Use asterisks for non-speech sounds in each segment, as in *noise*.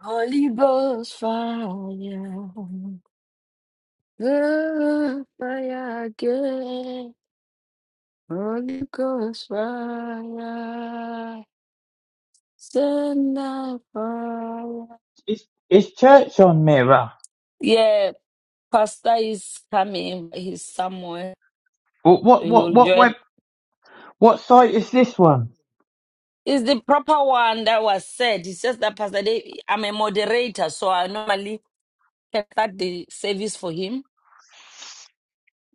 Holy Ghost fire, the fire again. Holy Ghost fire, send the fire. It's it's Church on Mirror. Yeah, Pastor is coming. He's somewhere. What what He'll what what web join. what site is this one? It's the proper one that was said. It's just that Pastor Dave, I'm a moderator, so I normally can start the service for him.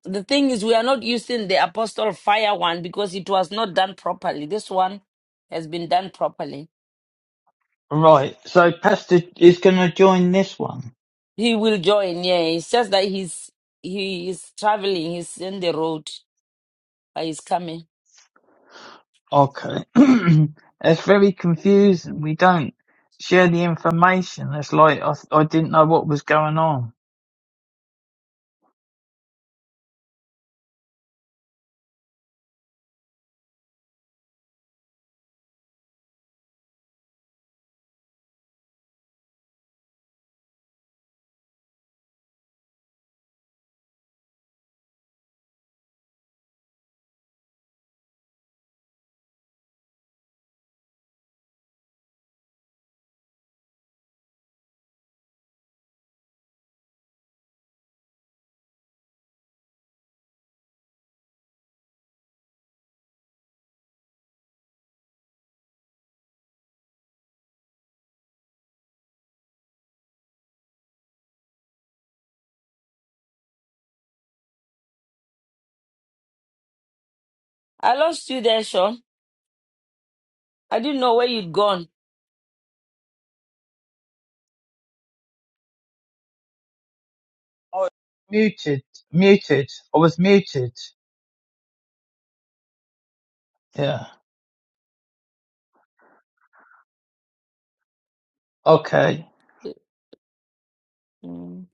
The thing is, we are not using the apostle fire one because it was not done properly. This one has been done properly. Right, so Pastor is going to join this one. He will join. Yeah, it's just that he's he is traveling. He's in the road, but he's coming. Okay, *clears throat* it's very confusing. We don't share the information. It's like I I didn't know what was going on. I lost you there, Sean. I didn't know where you'd gone. I muted muted. I was muted. Yeah. Okay. Mm.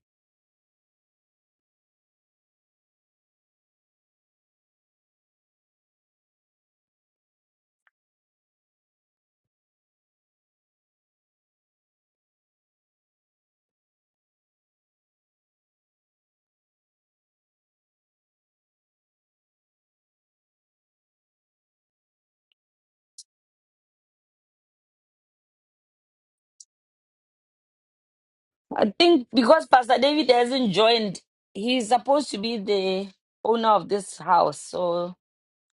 I think because Pastor David hasn't joined, he's supposed to be the owner of this house. So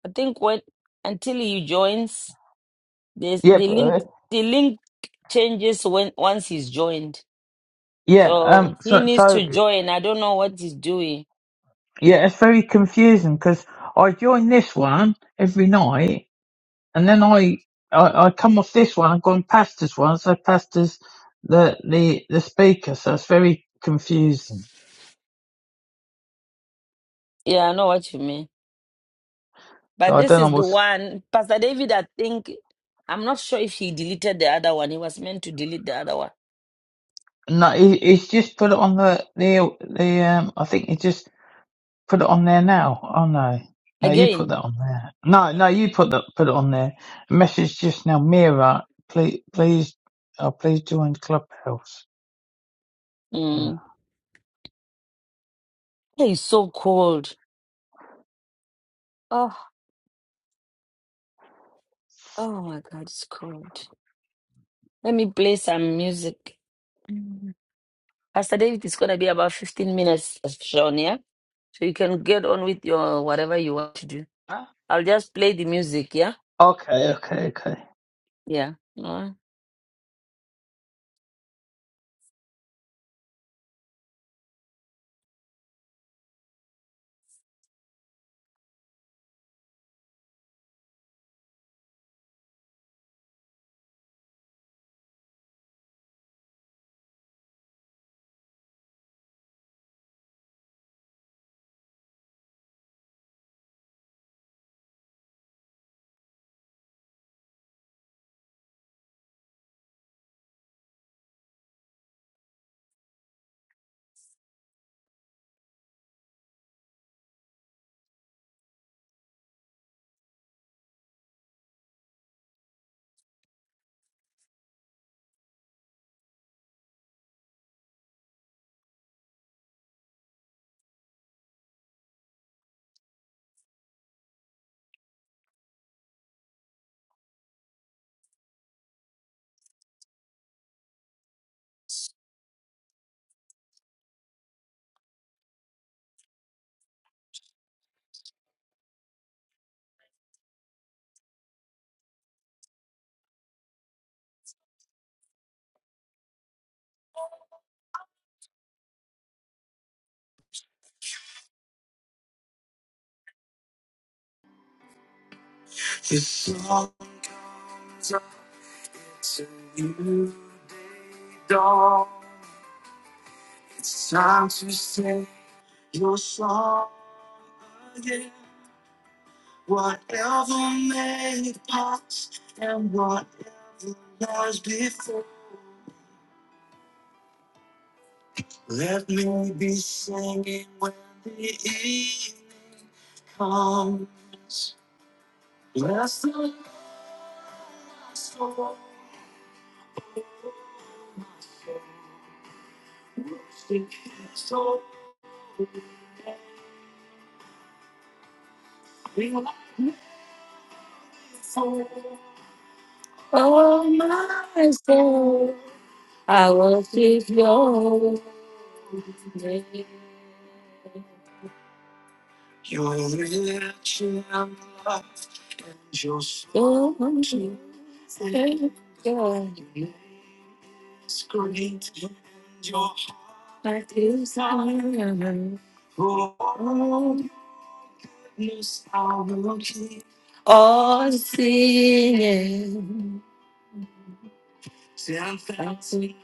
I think when until he joins, This Yeah. the But, uh, link the link changes when once he's joined. yeah. So Um. he So needs so to join. I don't know what he's doing. yeah, it's very confusing because I join this one every night And then I, I, I come off this one, I've gone past this one, so past this, the, the, the speaker, so it's very confusing. Yeah, I know what you mean. So But I this don't is know the what's, one Pastor David, I think I'm not sure if he deleted the other one. He was meant to delete the other one. no, he, he's just put it on the, the, the, um, I think he just put it on there now. Oh no. No, you put Again. that on there. No, no, you put that, put it on there. Message just now, Mira, please, Mm. please, oh, please join Clubhouse. Yeah. Mm. Hey, It's so cold. Oh, oh my God, it's cold. Let me play some music. Mm. Pastor David is gonna be about 15 minutes, Sean, yeah? So you can get on with your whatever you want to do. Huh? I'll just play the music, yeah? Okay, okay, okay. Yeah. All right. It's all time to you, dog. It's time to say your song again. Whatever made past and whatever lies before, let me be singing when the evening comes. Bless the Lord, my soul, my soul, worship His holy Oh my soul, I worship your name. Your resurrection power, your strong Savior, your great, your heart is iron. Oh, yes, I desire. All singing. Ten thousand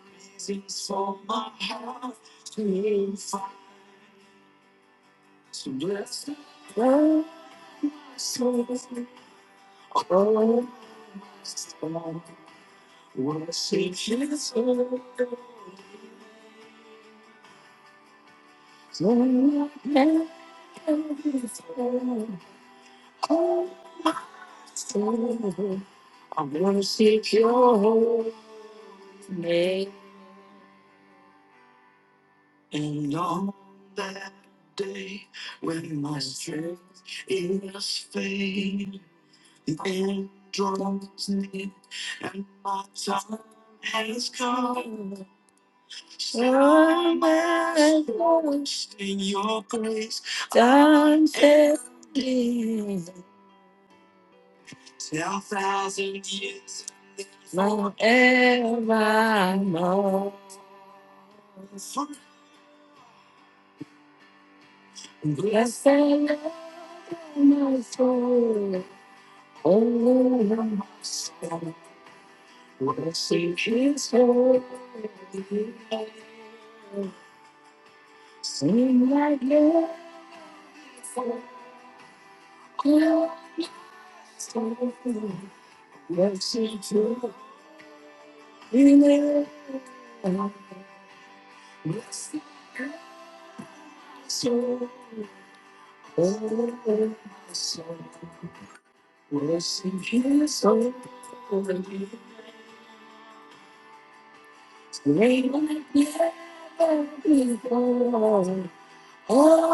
reasons for my heart to I wanna seek your holy name. And on that day when my strength is fading, the end draws near and my time has come. Turn my voice in your grace times heaven. Ten thousand years forevermore. Blessed Lord, my soul, all of my soul, worship His holy name. Sing like never before. Christ, Worship Him. never I I soul. oh my soul. blessed his soul. great like never before. Oh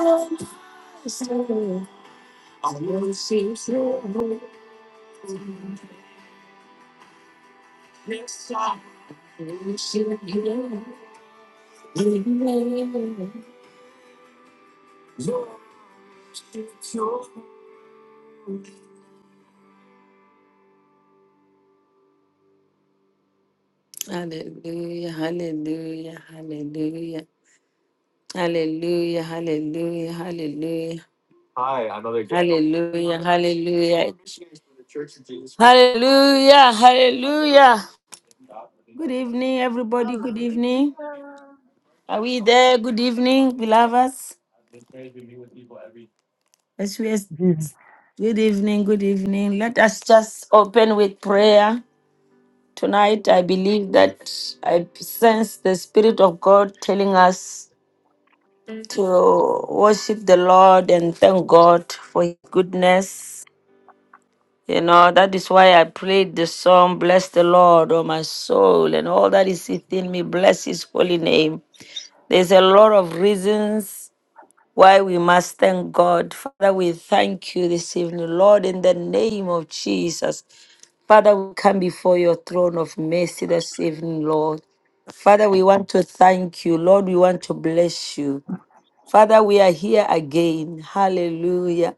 my soul. I worship you, yes I worship you, amen. Hallelujah, hallelujah, hallelujah. Hallelujah, hallelujah, hallelujah, Hi, another day. hallelujah, hallelujah, hallelujah, hallelujah. Good evening, everybody. Good evening. Hallelujah. Are we there? Good evening, beloveds. As we are- Beautiful. Good evening, good evening. Let us just open with prayer. Tonight, I believe that I sense the Spirit of God telling us to worship the Lord and thank God for His goodness. You know, that is why I prayed the song, Bless the Lord, O my soul, and all that is within me, bless his holy name. There's a lot of reasons why we must thank God. Father, we thank you this evening, Lord, in the name of Jesus. Father, we come before your throne of mercy this evening, Lord. Father, we want to thank you. Lord, we want to bless you. Father, we are here again. Hallelujah.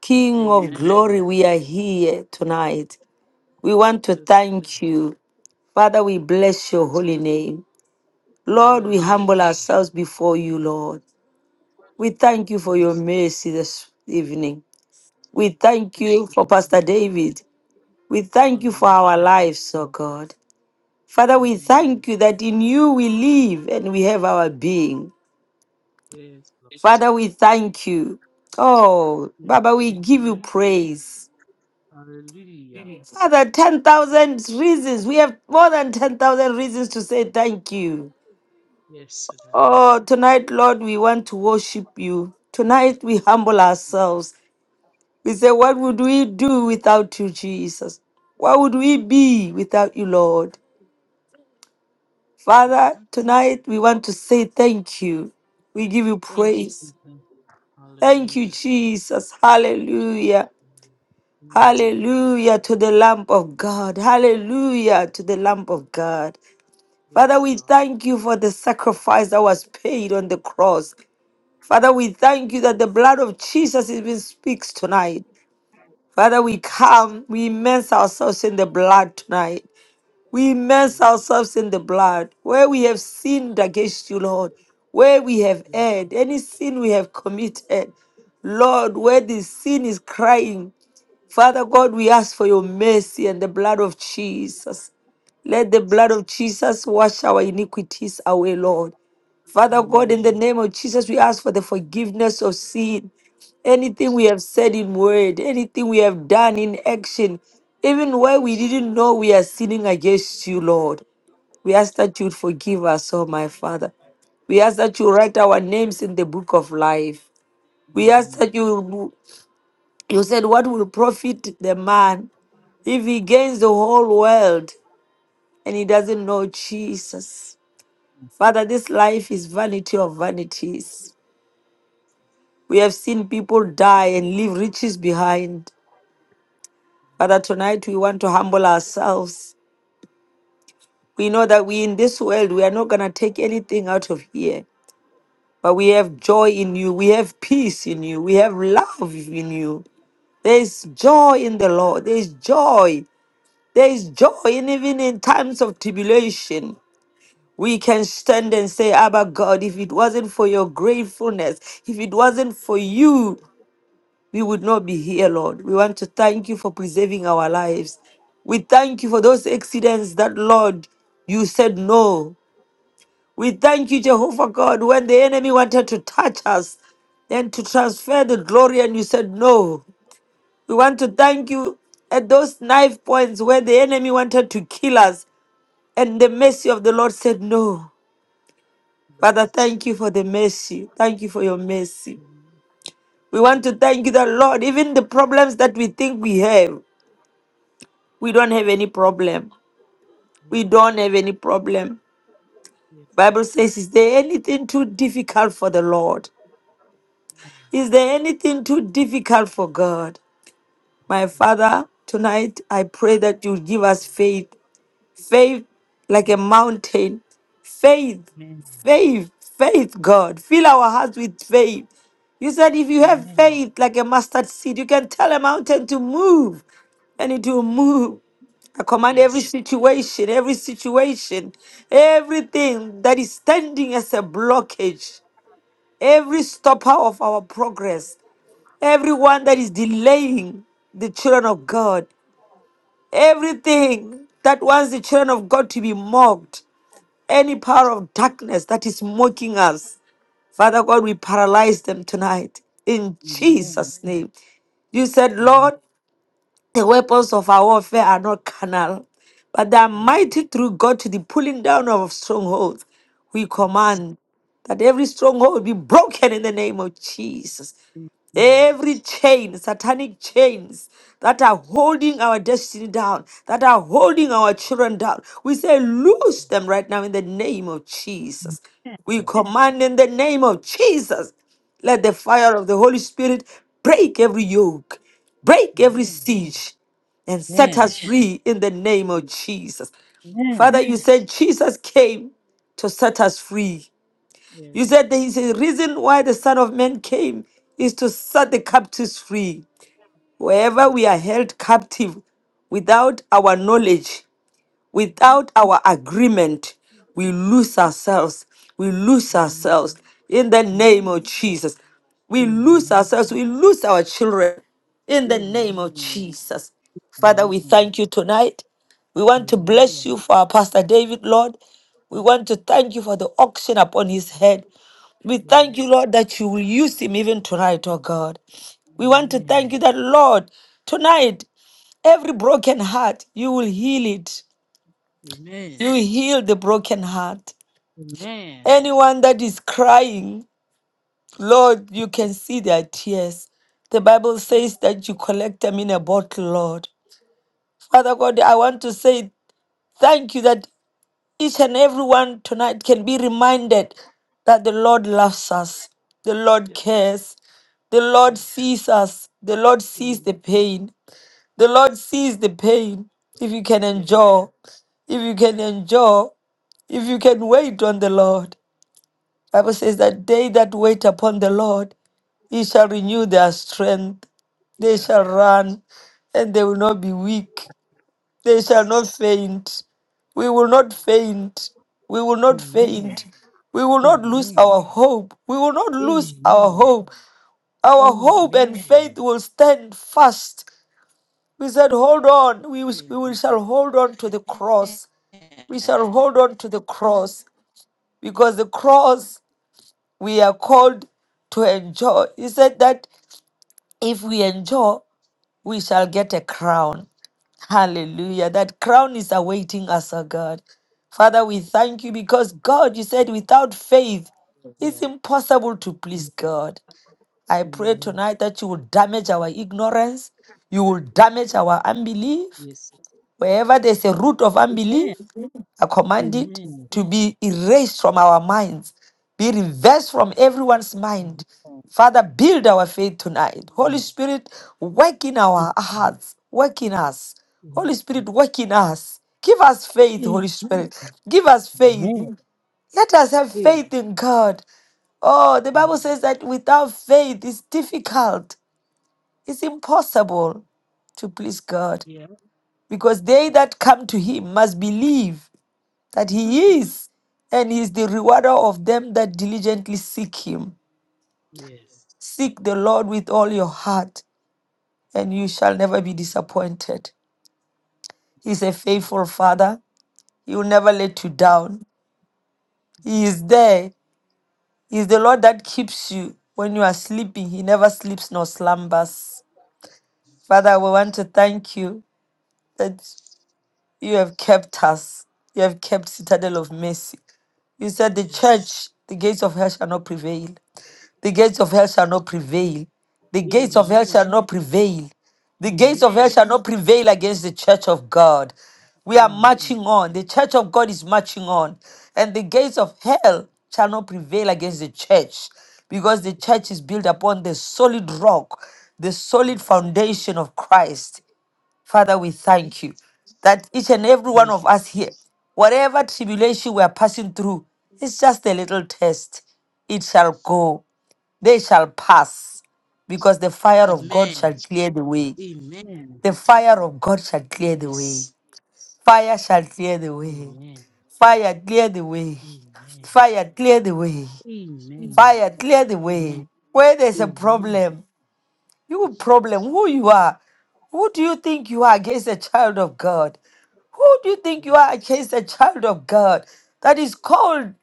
King of Amen. glory, we are here tonight. We want to Yes. thank you. Father, we bless your holy name. Lord, we humble Hallelujah. ourselves before you, Lord. We thank you for your Yes, Lord. mercy this evening. We thank Thank you you, for Lord. Pastor David. We thank you for our Hallelujah. lives, oh God. Father, we Amen. thank you that in you we live and we have our being. Yes, Lord. Father, we thank you. Oh, Mm. Baba, we give you Hallelujah. praise. Hallelujah. Father, 10,000 reasons. We have more than 10,000 reasons to say thank you. Yes, Daddy. Oh, tonight, Lord, we want to worship you. Tonight, we humble ourselves. We say, What would we do without you, Jesus? What would we be without you, Lord? Father, Mm-hmm. tonight we want to say thank you. We give you Thank you, praise. Jesus. Thank you, Hallelujah. Jesus. Hallelujah. Amen. Hallelujah to the Lamb of God. Hallelujah to the Lamb of God. Father, Yes, we Lord. thank you for the sacrifice that was paid on the cross. Father, we thank you that the blood of Jesus even speaks tonight. Father, we Yes. come, we immerse ourselves in the blood tonight. We immerse Yes. ourselves in the blood. Where we have sinned against you, Lord, where we have Yes. erred, any sin we have committed, Lord, where the sin is crying, Father God, we ask for your mercy and the blood of Jesus. Let the blood of Jesus wash our iniquities away, Lord. Father God, Amen. in the name of Jesus, we ask for the forgiveness of sin. Anything we have said in word, anything we have done in action, even where we didn't know we are sinning against you, Lord. We ask that you forgive us, oh my Father. We ask that you write our names in the book of life. We ask Amen. that you you said what will profit the man if he gains the whole world and he doesn't know Jesus. Father, this life is vanity of vanities. We have seen people die and leave riches behind. Father, tonight we want to humble ourselves. We know that we in this world, we are not going to take anything out of here, but we have joy in you. We have peace in you. We have love in you. There is joy in the Lord. There is joy. There is joy, and even in times of tribulation. We can stand and say, Abba God, if it wasn't for your gratefulness, if it wasn't for you we would not be here, Lord. We want to thank you for preserving our lives. We thank you for those accidents that, Lord, you said no. We thank you, Jehovah God, when the enemy wanted to touch us and to transfer the glory, and you said no. We want to thank you at those knife points where the enemy wanted to kill us, and the mercy of the Lord said no. Father, Yes. thank you for the mercy. Thank you for your mercy. Amen. We want to thank you, the Lord, even the problems that we think we have. We don't have any problem. We Yeah. don't have any problem. Yes. Bible says, is there anything too difficult for the Lord? Is there anything too difficult for God? My Father, tonight I pray that you give us faith faith like a mountain. Faith, Amen. faith, faith, God. Fill our hearts with faith. You said if you have Amen. faith like a mustard seed, you can tell a mountain to move and it will move. I command every Yes. situation, every situation, everything that is standing as a blockage, every stopper of our progress, everyone that is delaying the children of God, everything that wants the children of God to be mocked, any power of darkness that is mocking us, Father God, we paralyze them tonight in Amen. Jesus' name. You said, Amen. Lord, the weapons of our warfare are not carnal, but they are Yeah. mighty through God to the pulling down of strongholds. We Yes. command that every stronghold be broken in the name of Jesus. Every chain, satanic chains that are holding our destiny down, that are holding our children down, we say, loose them right now in the name of Jesus. We command in the name of Jesus, let the fire of the Holy Spirit break every yoke, break every Amen. Amen. siege, and set Amen. us free in the name of Jesus. Amen. Father, you said Jesus came to set us free. You Yes. said there is a reason why the Son of Man came is to set the captives free. That's Wherever right. we are held captive without our knowledge, Mhm. Without our agreement, we lose ourselves. We lose Amen. ourselves in the name Amen. of Jesus. We lose ourselves. We lose our children in the name of Amen. Jesus. Father, we Amen. thank you tonight. We want to bless Hallelujah. you for our Pastor David, Lord. We want to thank you for the auction upon his head. We thank you, Yes. Lord, that you will use him even tonight, oh God. We want to thank Amen. you that, Lord, tonight, every broken heart, you will heal it. Amen. You heal the broken heart. Amen. Anyone that is crying, Lord, you can see their tears. The Bible says that you collect them in a bottle, Lord. Father God, I want to say thank you that each and everyone tonight can be reminded that the Lord loves us, the Lord Yes. cares, the Lord Yeah. sees us, the Lord sees Yeah. the pain, the Lord sees the pain. If you can endure, if you can endure, if you can wait on the Lord. Bible says that they that wait upon the Lord, he shall renew their strength. They Yeah. Yes. shall run and they will not be weak. They shall not faint. We will not Amen. faint. We will not faint. We will not lose Amen. our hope. We will not lose our Amen. hope. Our hope and faith Amen. will stand fast. We said, hold on. We, we will- Amen. shall hold on to the cross. We shall hold on to the cross because the cross we are called to enjoy. He said that if we enjoy, we shall get a crown. Hallelujah. That crown is awaiting us, oh God. Father, we thank you because God, you said, without faith, it's Yeah. impossible to Mm, please God. I pray Amen. tonight that you will damage our ignorance, you will damage our unbelief, Yes. Wherever there's a root of Amen. unbelief, I command it Amen. to be erased from our minds, be reversed from everyone's mind. Amen. Father, build our faith tonight. Holy Amen. Spirit, work in our hearts, work in us. Amen. Holy Spirit, work in us. Give us faith, Amen. Holy Amen. Spirit. Give us faith. Amen. Let us have faith in God. Oh, the Bible says that without faith, it's difficult, it's impossible to please God Yeah. because they that come to him must believe that Mm-hmm. he is and he is the rewarder of them that diligently seek him Yes. seek the lord with all your heart and you shall never be disappointed he's a Yes. Yeah. faithful father he will never let you down he is there he is the lord that keeps you when you are sleeping he never sleeps nor slumbers father we want to thank you that you have kept us you have kept citadel of mercy You said the Yes. church, the gates of hell shall not prevail. The gates of hell shall not prevail. The gates of hell Amen. shall not prevail. The gates of hell Amen. shall not prevail against the church of God. We are Amen. marching on. The church of God is marching on. And the gates of hell shall not prevail against the church because the church is built upon the solid rock, the solid Yes. foundation of Christ. Father, we Mhm. thank you that each and every one Thank of you. us here, whatever tribulation we are passing through, it's just a little test. It shall go, they shall pass, because the fire of God Amen. shall clear the way. Amen. The fire of God shall clear the way. Yes. Fire shall clear the way. Amen. Fire clear the way. Amen. Fire clear the way. Amen. Fire clear the Amen. way. Where there's a Amen. problem, You Mhm. problem, who you are? Who do you think you are against the child of God? Who do you think you are Yes. against the child of God that is called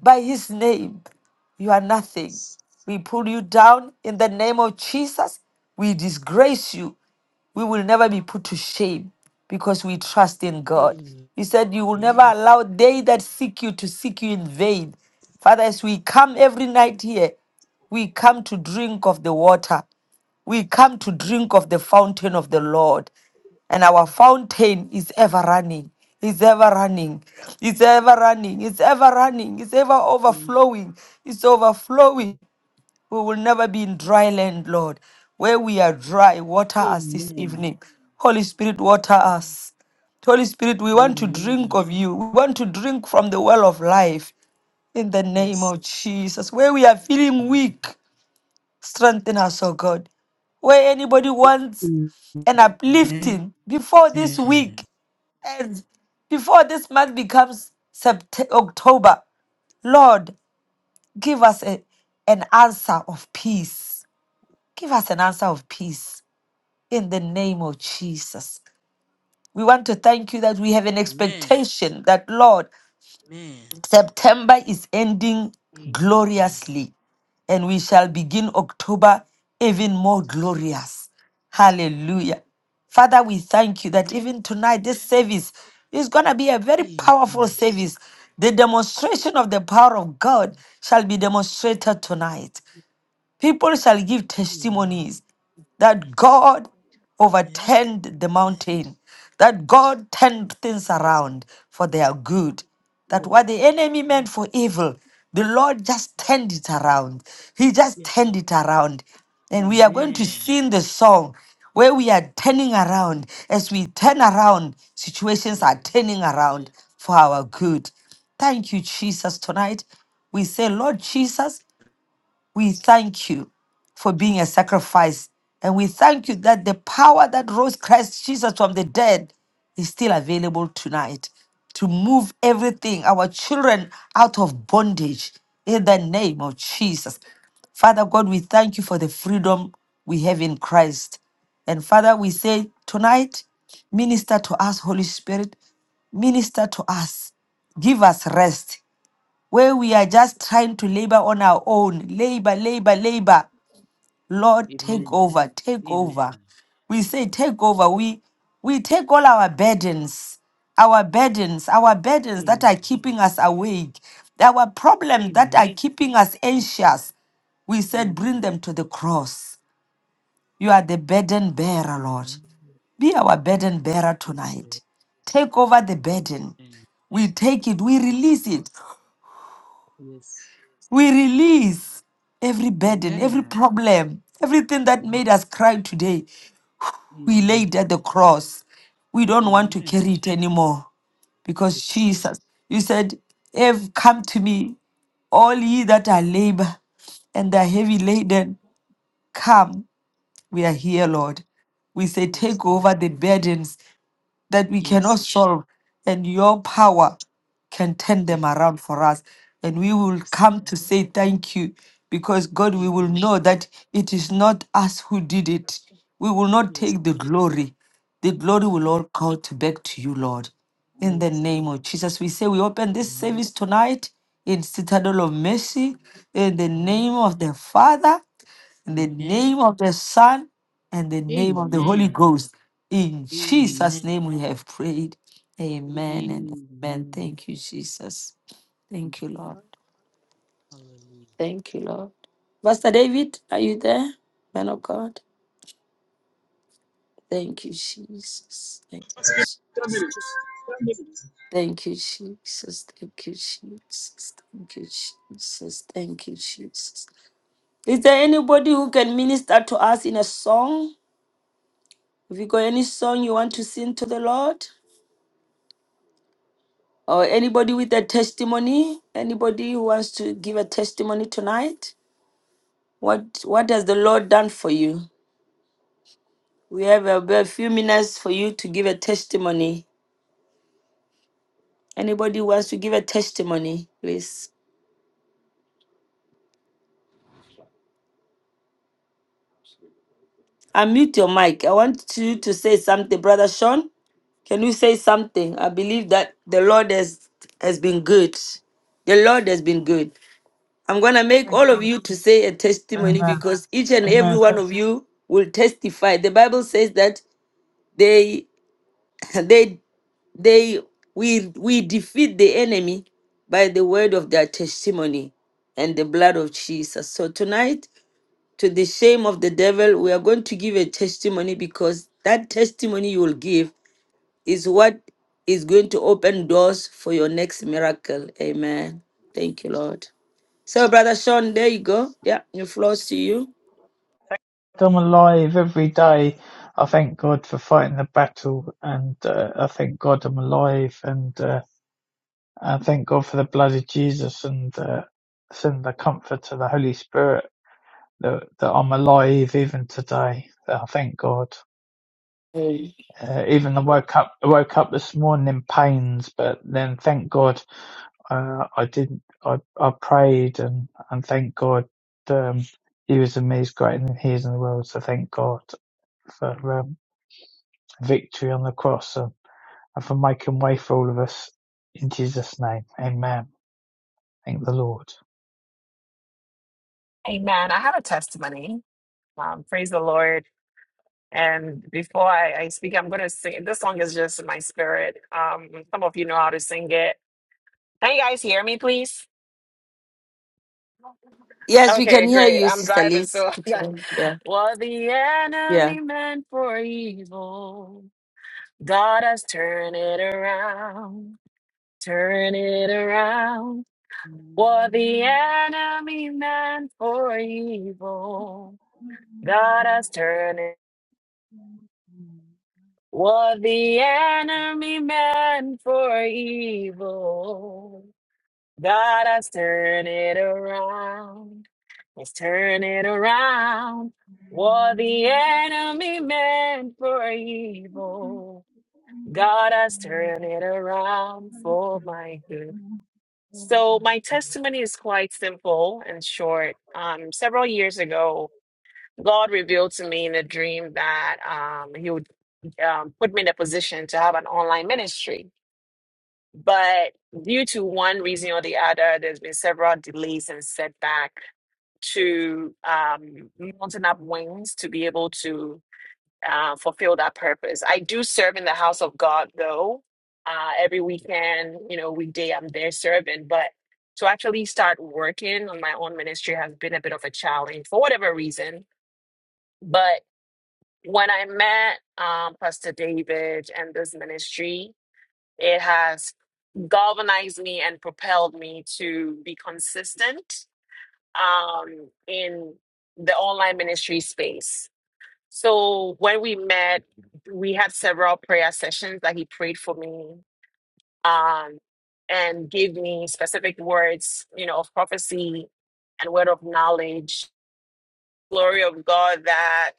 by his name? You are nothing. Yes. We pull you down in the name of Jesus. We disgrace you we will never be put to shame because we trust in God. Amen. He said, You will never allow they that seek you to seek you in vain. Father, as we come every night here, we come to drink of the water. We come to drink of the fountain of the Lord. And our Mhm. fountain is ever running, is ever running, is ever running, is ever running, is ever Yeah. overflowing, is overflowing. We will never be in dry land, Lord. Where we are dry, water us this Amen. evening. Holy Spirit, water us. Holy Spirit, we want to Amen. drink of you. We want to drink from the well of life in the name Yes. of Jesus. Where we are feeling weak, strengthen us, oh God. Where anybody wants Amen. an Amen. uplifting before this week Amen. and before this month becomes Sept- October, Lord, give us a, an answer of peace Give us an answer of peace in the name of Jesus. We want to thank you that we have an Amen. expectation that, Lord, September is ending gloriously and we shall begin October even more glorious. Hallelujah. Father, we thank you that Amen. even tonight, this service is going to be a very powerful Amen. service. The demonstration of the power of God shall be demonstrated tonight. People shall give Amen. testimonies that God Amen. overturned the mountain, that God turned things Yes. around for their good, that Yes. what the enemy Yes. meant for evil, the Lord just turned it around. He just Yes. turned it around. And we are going to Amen. sing the song where we are turning around. As we turn around, situations Yes. are turning around for our good. Thank you, Jesus, tonight. We say, Lord Jesus, we thank you for being a sacrifice. And we thank you that the power that rose Christ Jesus from the dead is still available tonight to move everything, our children out of bondage in the name of Jesus. Father God, we thank you for the freedom we have in Christ. And Father, we say tonight, minister to us, Holy Spirit, minister to us, give us rest where we are just trying to labor on our own. Labor, labor, labor. Lord, take Amen. over, take over. Amen. We say, take over. We we take all our burdens, our burdens, our burdens that are Amen. keeping us awake, our problems that are Amen. keeping us anxious. We Amen. said, bring them to the cross. You are the burden bearer, Lord. Be our burden bearer Yes, Lord. tonight. Take over the burden. Amen. We take it, we Yes, release Lord. it. Yes. We release every burden, every Amen. problem, everything that made us cry today. We Amen. laid at the cross. We don't want to Amen. carry it anymore because Yes. Jesus, you said, if come to me, all ye that are labor and are heavy laden, come. We are here, Lord. We say, Yes, take Lord. over the burdens, that we Yes, cannot Lord. solve, and your power can turn Yes. them around for us. And we will Yes. come to Uh-huh. say thank you because, God, we Thank will you, know Lord. that it is not us who did it. We will not Yes. take the glory. The glory will Uh-huh. all come to back to you, Lord. In the Yes, name Lord. of Jesus, we say we open this Amen. service tonight in Citadel of Mercy in the name Amen. of the Father in the Amen. name of the Son and the name of the Holy Amen. Ghost. In Amen. Jesus' name we have prayed. Amen and amen. Amen. Thank you, Jesus. Thank Thank you, you, Lord. Lord. Hallelujah. Thank you, Lord. Pastor David, are you there? Man of God. Thank you, Jesus. Thank you, Jesus. Thank you, Jesus. Thank you, Jesus. Thank you, Jesus. Thank you, Jesus. Is there anybody who can minister to us in a song? If you got any song you want to sing to the Lord, or anybody with a testimony, anybody who wants to give a testimony tonight, what what has the Lord done for you? We have a, a few minutes for you to give a testimony. Anybody who wants to give a testimony, please unmute your mic. I want you to say something, brother Sean. Can you say something? I believe that the Lord has has been good. The Lord has been good. I'm going to make Thank all of God. you to say a testimony Amen. because each and every Amen. one of you will testify. The Bible says that they *laughs* they they we we defeat the enemy by the word of their testimony and the blood of Jesus. So tonight to the shame of the devil we are going to give a testimony because that testimony you will give is what is going to open doors for your next miracle. Amen. Thank you, Lord. So, Brother Sean, there you go. Yeah, the floor's to you. I'm alive every day. I thank God for fighting the battle, and uh, I thank God I'm alive, and uh, I thank God for the blood of Jesus, and uh, send the comfort of the Holy Spirit that, that I'm alive even today. I thank God. Hey, Uh, even I woke up, I woke up this morning in pains, but then thank God uh, I didn't. I, I prayed and and thank God. Um, he was in me is greater than he is in the world. So thank God for. Um, victory on the cross and, for making way for all of us. In Jesus' name, amen. Thank the Lord. Amen. I have a testimony. Um, praise the Lord. And before I, I speak, I'm going to sing. This song is just in my spirit. Um, some of you know how to sing it. Can you guys hear me, please? Yes, we can Okay, hear great. you, I'm Sister driving, Liz. so *laughs* I got Okay. Yeah, what the yeah. enemy meant for evil, God has turned it around. Turn it around. Oh my What the God. enemy meant for evil, God has turned it. What the enemy meant for evil, God has turned it around. Let's turn it around. What the enemy meant for evil, God has turned it around for my good. So, my testimony is quite simple and short. Um, several years ago, God revealed to me in a dream that um, He would um, put me in a position to have an online ministry. But due to one reason or the other, there's been several delays and setback to um, mounting up wings to be able to uh, fulfill that purpose. I do serve in the house of God, though. Uh, every weekend, you know, weekday, I'm there serving. But to actually start working on my own ministry has been a bit of a challenge for whatever reason. But when I met um, Pastor David and this ministry, It has galvanized me and propelled me to be consistent um, in the online ministry space. So when we met, we had several prayer sessions that he prayed for me um, and gave me specific words, you know, of prophecy and word of knowledge. Glory of God that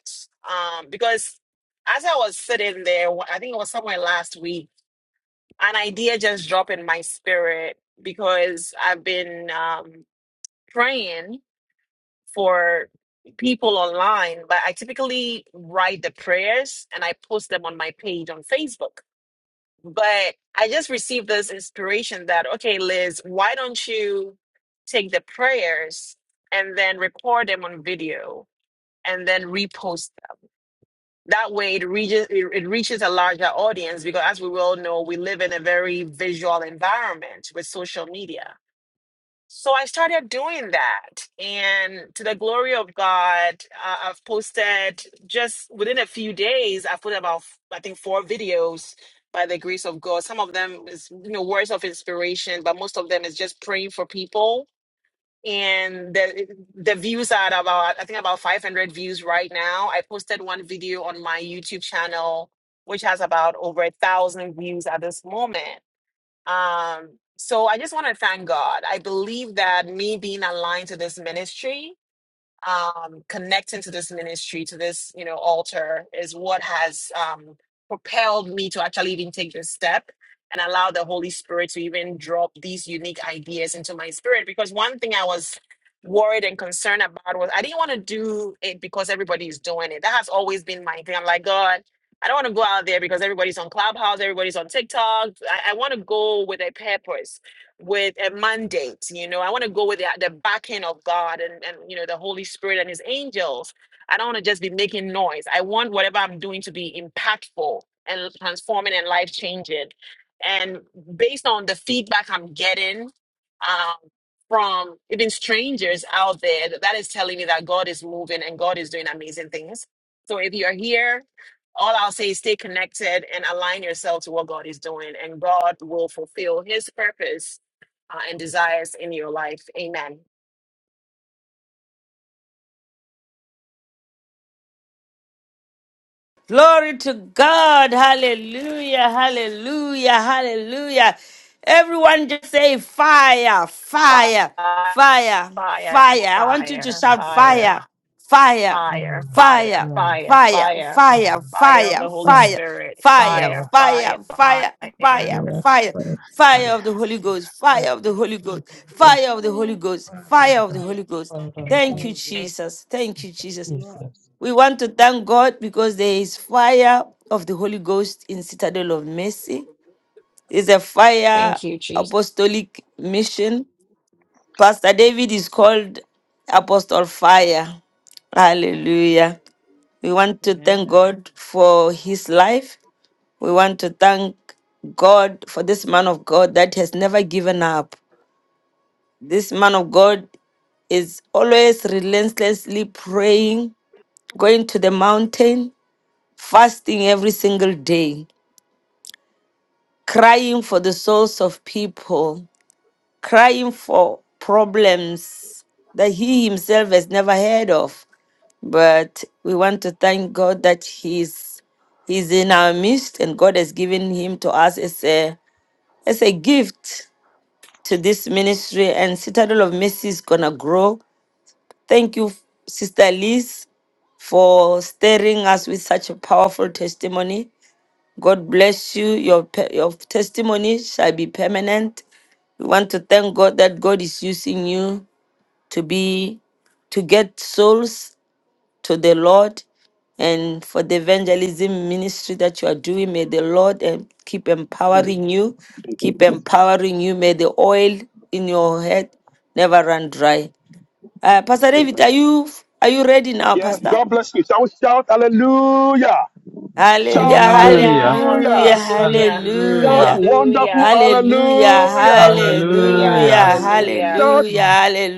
um, because as I was sitting there, I think it was somewhere last week an idea just dropped in my spirit because I've been um, praying for people online, but I typically write the prayers and I post them on my page on Facebook. But I just received this inspiration that, okay, Liz, why don't you take the prayers and then record them on video and then repost that way it reaches it, it reaches a larger audience because as we all know we live in a very visual environment with social media so i started doing that and to the glory of god uh, i've posted just within a few days i put about i think four videos by the grace of god some of them is you know words of inspiration but most of them is just praying for people and the the views are at about I think about 500 views right now. I posted one video on my YouTube channel, which has about over a thousand views at this moment. Um, so I just want to thank God. I believe that me being aligned to this ministry um, connecting to this ministry, to this, you know, altar is what has um, propelled me to actually even take this step and allow the Holy Spirit to even drop these unique ideas into my spirit. Because one thing I was worried and concerned about was I didn't want to do it because everybody is doing it. That has always been my thing. I'm like, God, I don't want to go out there because everybody's on Clubhouse, everybody's on TikTok. I, I want to go with a purpose with a mandate. You know, I want to go with the, the backing of God and, and, you know, the Holy Spirit and his angels. I don't want to just be making noise. I want whatever I'm doing to be impactful and transforming and life changing. And based on the feedback I'm getting um, from even strangers out there, that that is telling me that God is moving and God is doing amazing things. So if you're here, all I'll say is stay connected and align yourself to what God is doing, and God will fulfill His purpose uh, and desires in your life. Amen. Glory to God. Hallelujah. Hallelujah. Hallelujah. Everyone just say fire, Fire, fire, fire, fire, fire. I want you to fire, shout fire, fire, fire, fire, fire, fire, fire, fire, fire, fire, fire of the Bring fire, Holy fire, Spirit. fire, fire, Fire, that fire, fire, fire. fire, fire, fire of the Holy Ghost, fire of the Holy Ghost, fire of the Fire. Holy Ghost, fire of the Holy Fire. Ghost. Thank *laughs* Fire. you, of the Thank Jesus. Thank you, Holy Jesus. Jesus. We want to thank God because there is fire of the Holy Ghost in Citadel of Mercy. It's a fire thank you, Jesus. apostolic mission. Pastor David is called Apostle Fire. Hallelujah. We want to thank Amen. God for his life. We want to thank God for this man of God that has never given up. This man of God is always relentlessly praying, going to the mountain, fasting every single day, crying for the souls of people, crying for problems that he himself has never heard of. But we want to thank God that he's he's in our midst and God has given him to us as a as a gift to this ministry and Citadel of Mercy is gonna grow. Thank you, Sister Liz, for stirring us with such a powerful testimony. God bless you. Your, pe- your testimony shall be permanent. We want to thank God that God is using you to be to get souls to the Lord and for the evangelism ministry that you are doing. May the Lord eh, keep empowering you, keep empowering you. May the oil in your head never run dry. Uh, Pastor David, are you are you ready now, Yes, Pastor? God bless you. Shall we shout hallelujah? Hallelujah, Shout Hallelujah. Hallelujah, hallelujah, hallelujah. hallelujah, Shout Hallelujah. hallelujah. Hallelujah. wonderful hallelujah, Hallelujah, hallelujah. hallelujah, hallelujah, Hallelujah. hallelujah, Shout hallelujah,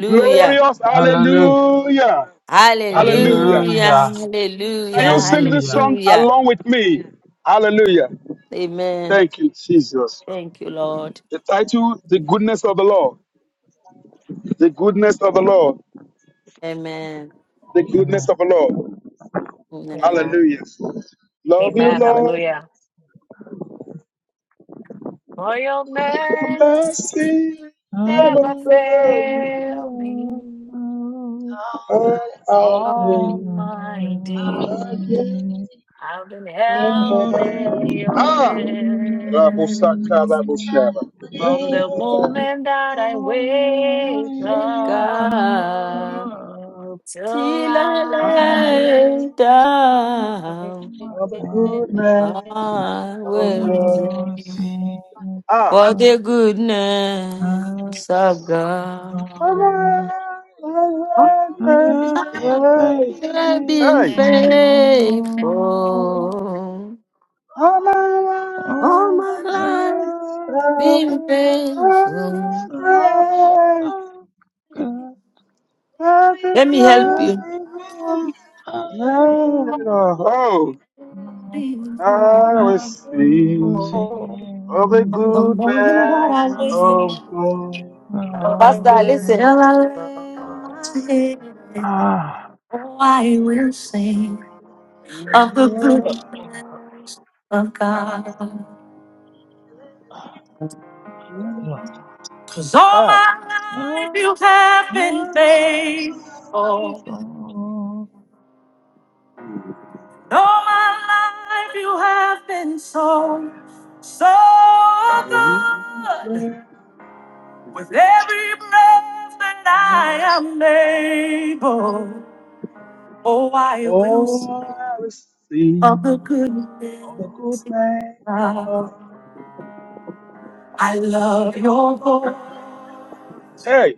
glorious Hallelujah. hallelujah. hallelujah, Hallelujah. hallelujah, Hallelujah. Hallelujah. Can hallelujah, you sing this Hallelujah. song hallelujah. along with me? Hallelujah. Amen. Thank you, Jesus. Thank you, Lord. The title, The Goodness of the Lord. The goodness of the Lord. Amen. The goodness Amen. of the Lord. Amen. Amen. Hallelujah. Love you, Amen. Lord. Hallelujah. For your mercy mercy never never fail me fail me, all our days. Almighty. I've been held in your Ah, Rabusaka hands Rabushaba. from the moment that I wake Hey Holy up God, God, till till I I lay Thanks. come down, Oh, the on. goodness I of will. God. Ah, Ah. for the goodness of God. You have been Hey. faithful. All my life, been faithful. Let me help you. Oh, I will From ah, sing of the the moment that I goodness wake, of God. Pastor, listen. Till I lay my head, oh, I will sing of the goodness of God. Cause all Ah. my life look. you have Thank been faithful. All my life you have been so, so Oh, good. With every breath that I am able, oh, I I will sing will of the sing of the goodness of goodness of God. I love your voice. Hey!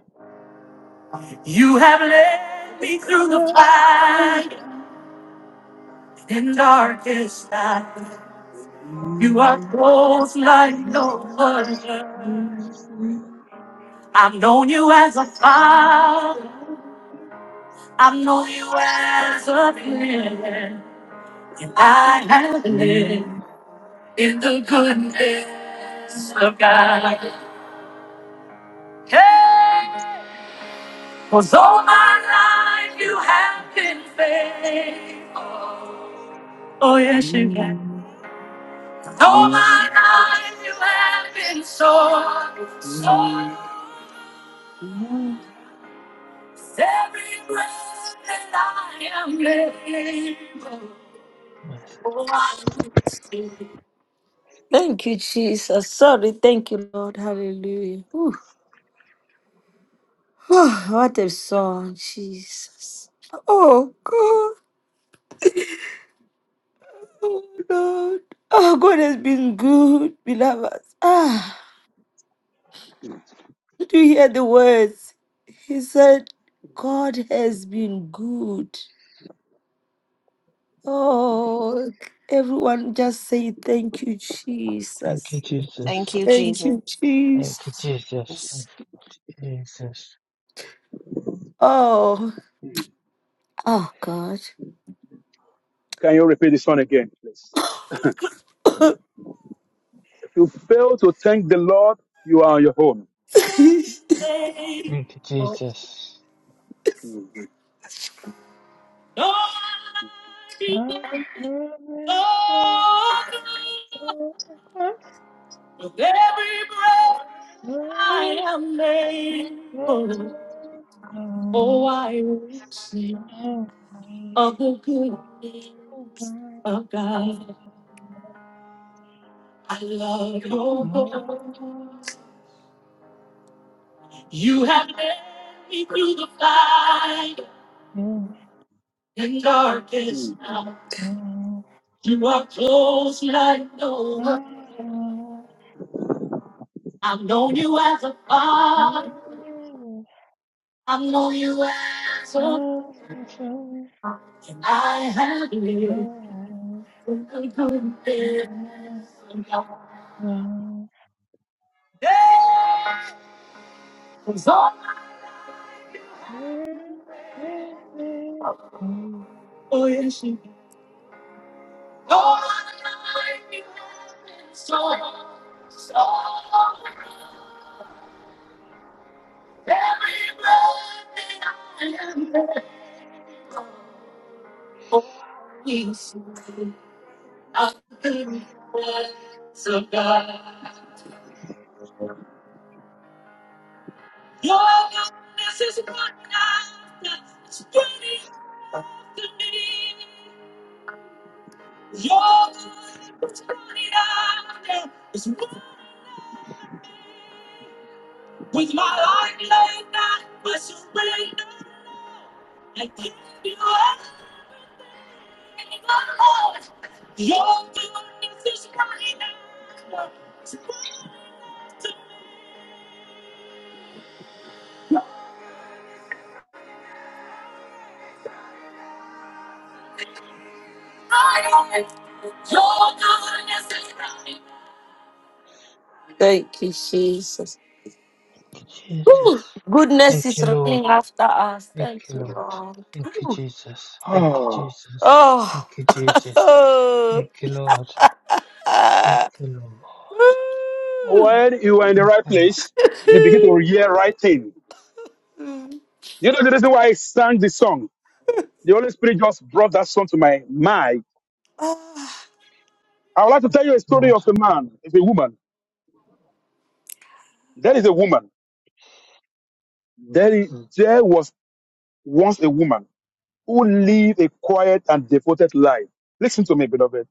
You have led me through the I will fire and darkest night. You are close like no other. I've known you as a father. I've known you as a friend. And I have lived in the goodness of God. Hey! 'Cause all my life you have been faithful. Oh, yes, you have. sing. All my life you have been so, so. Can Every breath that I am able. Thank you, Jesus. Sorry. Thank you, Lord. Hallelujah. *sighs* what a song, Jesus. Oh, God. Oh, Lord. Oh, God has been good, beloved. Ah, did you hear the words? He said, God has been good. Oh, everyone just say thank you, you, Jesus. Jesus. Thank you, Thank you, Jesus. Jesus. Thank you, Jesus. Oh, oh, God. you repeat this one again, please? If you fail to thank the Lord, you are on your own. Thank you, faithful. Jesus. Mm, Lord, you are so good. With every breath I am able, oh, I will sing of the goodness of God. I love mm, your voice. You have led me through the fire and darkest night. You are close like no one. I've known you as a father. I've known you as a I have lived a good *laughs* life. you, Yeah, it's all for you. she- All I need is so, so. Everything I am is you. I think that's a God. Your goodness is what I've done. It's good to me. Your goodness is what I've done. It's what With my heart laid down, my surrender, I give you everything, Lord. Your goodness is running after us. Thank you, Jesus. Jesus. Goodness Thank is you, Lord. running after us. Thank Thank you, you, Lord. Lord. Thank you, Jesus. Thank you, mm. *sighs* Jesus. Thank Oh, you, *laughs* Jesus. oh, Thank you, Lord. Thank you, Lord. mm. When you are in the Thank right you, Lord. place, you begin to hear right thing. You know the reason why I sang this song. The Holy Spirit just brought that song to my mind. Ah. I would like to Thank tell you a you, story Lord. of a man, of a woman. There is a woman. There, is, there was once a woman who lived a quiet and devoted life. Listen to me, beloved.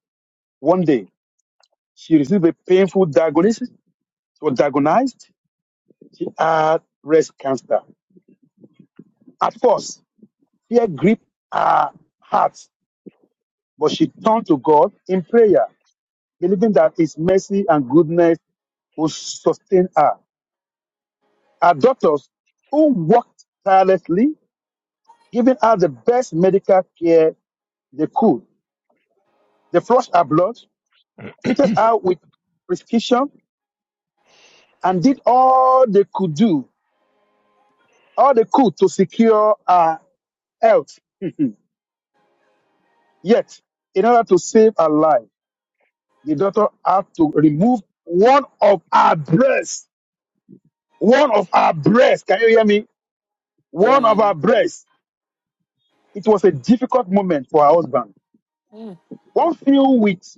One day, she received a painful diagnosis. She was diagnosed. She had breast cancer. At first, fear gripped her heart, but she turned to God in prayer. believing that His mercy and goodness will sustain her. Our doctors, who worked tirelessly, giving her the best medical care they could. They flushed her blood, treated her with prescription, and did all they could do, all they could to secure her health. Yet, in order to save her life, the doctor had to remove one of her breasts. One of her breasts. Can you hear me? One of her Mm, breasts It was a difficult moment for her husband, mm, one filled with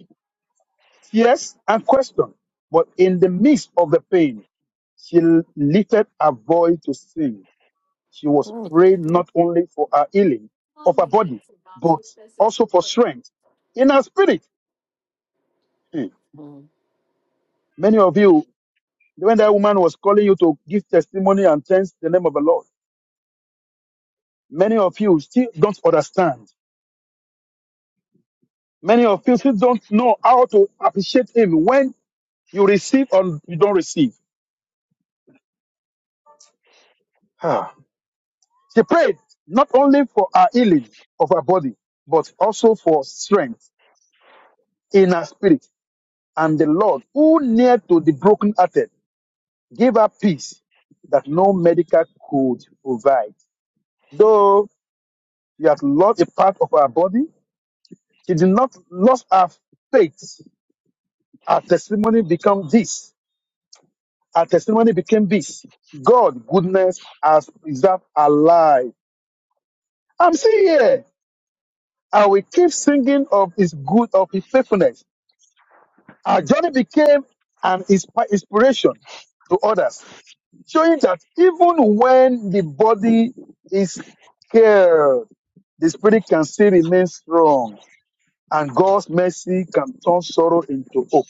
tears and questions. But in the midst of the pain, she lifted her voice to sing. She was mm, praying not only for her healing of her body, but also for strength in her spirit. Hmm. Many of you, when that woman was calling you to give testimony and thanks the name of the Lord, many of you still don't understand. Many of you still don't know how to appreciate Him when you receive or you don't receive. Ah. She prayed not only for her healing of her body, but also for strength in her spirit. And the Lord, who near to the brokenhearted, gave her peace that no medical could provide. Though she had lost a part of her body, she did not lose her faith. Her testimony became this. Her testimony became this. God goodness has preserved her life. I'm still here. and we keep singing of his good of his faithfulness. Our journey became an inspi- inspiration to others, showing that even when the body is killed, the spirit can still remain strong, and God's mercy can turn sorrow into hope.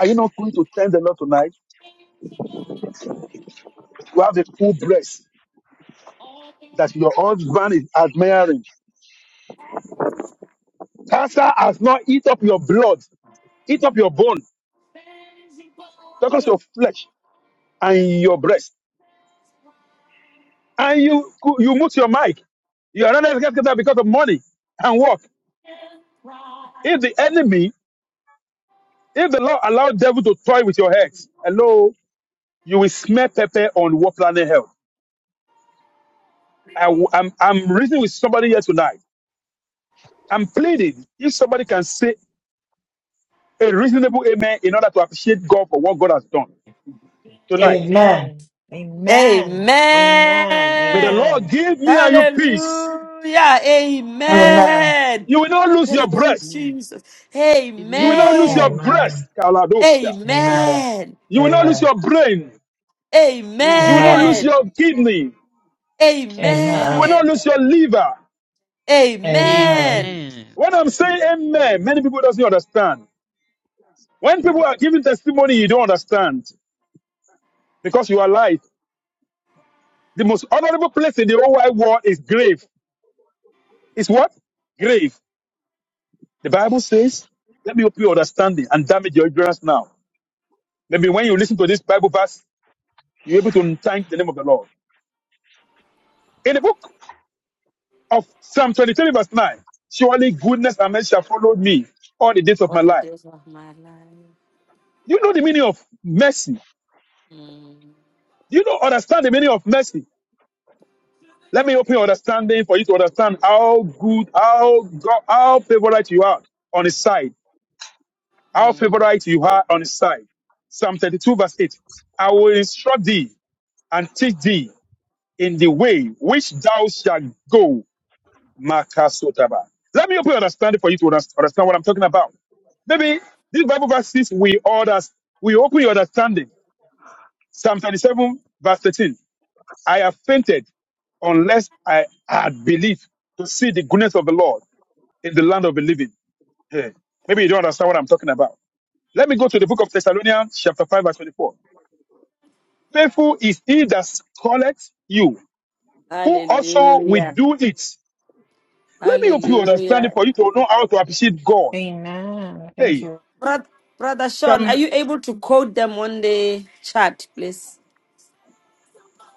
Are you not going to thank the Lord tonight? You have a full breast that your husband is admiring. Cancer has not eat up your blood, eat up your bone, because your flesh and your breast. and you you mute your mic. You are not educated because of money and work. If the enemy, if the Lord allow devil to toy with your head, hello, you will smell pepper on what planet hell. I, am I'm I'm reasoning with somebody here tonight. I'm pleading if somebody can say a reasonable amen in order to appreciate God for what God has done tonight. Amen. Amen. Amen. mm. Amen. May the Amen. Lord Amen. give me and you peace. Hallelujah. Amen. Amen. You will not lose your Thank you, breath. Amen. Jesus. You will Amen. not lose your Amen. Amen. breast, Kaladosha. Amen. Amen. Amen. You will not lose Amen. your brain. You will not Amen. lose Amen. Amen. your kidney. Amen. Amen. You will not Amen. lose your liver. Amen. Amen. Amen. When I'm saying amen, many people doesn't understand. When people are giving testimony, you don't understand because you are light. The most honorable place in the whole wide world is grave. Is what? Grave. The Bible says, let me open your understanding and damage your ignorance now. Maybe when you listen to this Bible verse, you're able to thank the name of the Lord. In the book of Psalm 23 verse 9, surely goodness and mercy shall follow me all the days of All my the life. days of my life. Do you know the meaning of mercy? Mm, Do you know understand the meaning of mercy? Let me open your understanding for you to understand how good, how God, how favorite you are on his side. How mm. favorite you are on his side. Psalm 32 verse 8. I will instruct thee and teach thee in the way which thou shalt go. Makasotaba. Let me open your understanding for you to underst- understand what I'm talking about. Maybe these Bible verses we order, we open your understanding. Psalm 37 verse 13. I have fainted unless I had believed to see the goodness of the Lord in the land of the living. Yeah. Maybe you don't understand what I'm talking about. Let me go to the book of Thessalonians, chapter 5, verse 24. Faithful is he that calleth you, who also will Hallelujah. do it. Let me help you understand it Hallelujah. for you to know how to appreciate God. Amen. Thank Hey, you. Brother, Brother Sean, Psalm, are you able to quote them on the chat, please?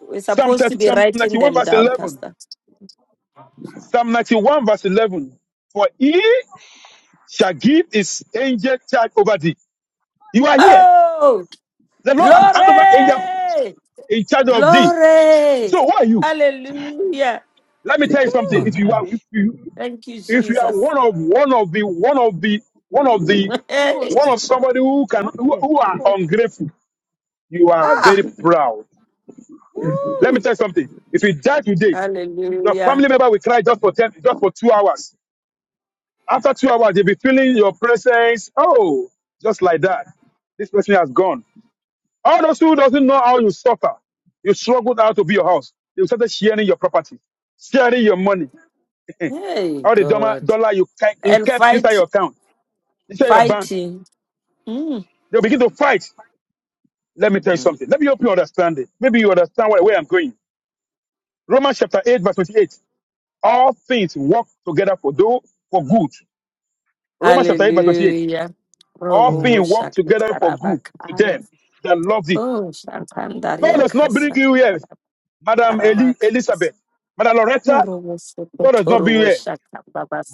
We're Psalm, supposed to 30, be Psalm writing 91, them verse down, 11. Pastor. Psalm 91, verse 11. For he shall give his angel charge over thee. You are here. Oh! The Lord has handed over angel Glory! in charge of thee. Glory! So who are you? Hallelujah! Let me tell you something. Woo! If you are if you, Thank you, if you are Jesus. one of one of the one of the one of the *laughs* Kokos. Hey! one of somebody who can who, Mate. who are Kokos. ungrateful, you are very Ah! proud. Let me Woo! tell you something. If you die today, your Hallelujah! family member will cry just for ten, just for two hours. After two hours, they'll be feeling your presence. Oh, just like that. This person has gone. All those who doesn't know how you suffer, you struggled out to build your house. They started sharing your property, sharing your money. *laughs* Hey, all the dollar, God! dollar you kept, you And kept inside fight, your account, inside your bank. fighting. Mm. They'll begin to fight. Let me tell you something. Mm. Let me hope you understand it. Maybe you understand where, where I'm going. Romans chapter 8, verse 28. All things work together for those for good. Romans chapter 8, verse 28. Hallelujah! Oh, All oh, Amen. things oh, work together for good to shakatarabakaya. them that love thee. Oh, God shakandaria does not bring you here, kasakarabakarabakaya. Madam Eli- Elizabeth. Madam Loretta, Torobo soko, God does not bring you torobo here.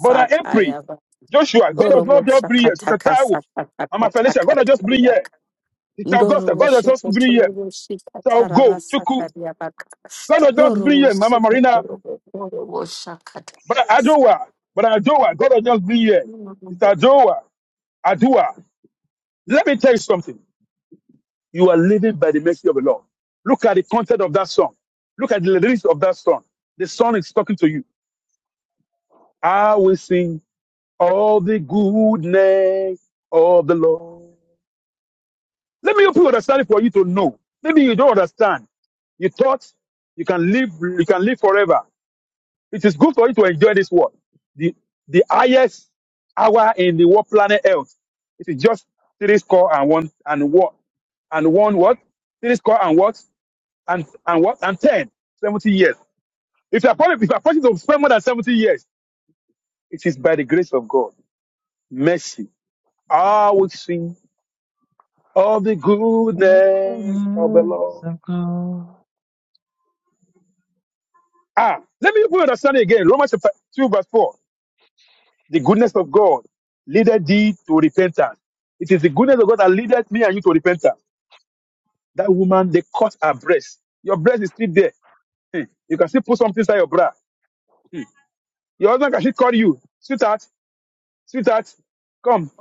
Brother April, Joshua, God does not Orobo just bring you here. Sister shakataka Taiwo, sakataka Mama Felicia, God does just bring you here. takatariaka. Sister Augusta, Ndorobo God does just bring you here. shokotorobo Sister Ogo, shikataraba Chuku. sakariabaka. God will just bring Orobo you, Mama Marina, shokotorobo orobo but shakatabasa. Adoa, but Adoa, God will just bring you. It's Adoa, Adoa. Let me tell you something. You are living by the mercy of the Lord. Look at the content of that song. Look at the lyrics of that song. The song is talking to you. I will sing all the goodness of the Lord. Let me help you understand it for you to know. Maybe you don't understand. You thought you can live, you can live forever. It is good for you to enjoy this world. The, the highest hour in the world planet Earth. It is just three score and one and what and one what? Three score and what? And and what? And ten. 70 years. If you are possible, if you are possible to spend more than 70 years, it is by the grace of God. Mercy. I will sing of the goodness of the Lord. Amen. Ah, let me put understand it again. Romans chapter 2, verse 4. The goodness of God leadeth thee to repentance. It is the goodness of God that leadeth me and you to repentance. That woman, they cut her breast. Your breast is still there. Hey, you can still put something inside your bra. Your husband can still call you, sweetheart, sweetheart, come.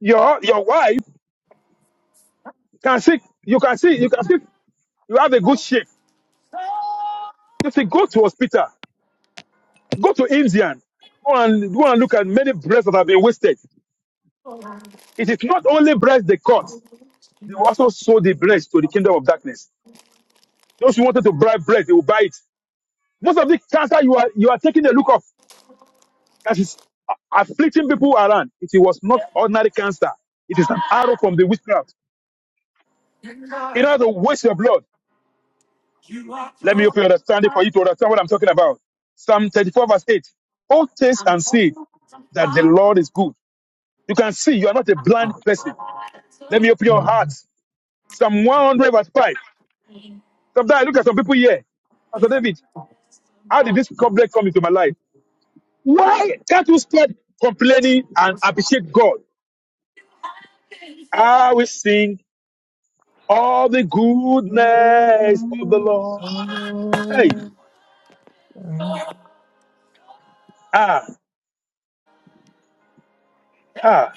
Your your wife can see, you can see, you can see, you have a good shape. You see, go to hospital, go to Indian, go and go and look at many breasts that have been wasted. It is not only breasts they cut, they also sold the breast to the kingdom of darkness. Those who wanted to buy bread, they will buy it. Most of the cancer you are you are taking a look of that is afflicting people around. It was not ordinary cancer. It is an arrow from the witchcraft. In Lord, order to waste your blood, you are let me close. open your understanding for you to understand what I'm talking about. Psalm 34 verse 8. Oh, taste I'm and not see too that the far. Lord is good. You can see you are not a blind I'm person. not Let too me open your Hang heart. on. Psalm 100 verse 5. Sometimes I look at some people here. Pastor David, how did this problem come into my life? Why can't you stop complaining and appreciate God? I will sing all the goodness of the Lord. Hey, ah, ah,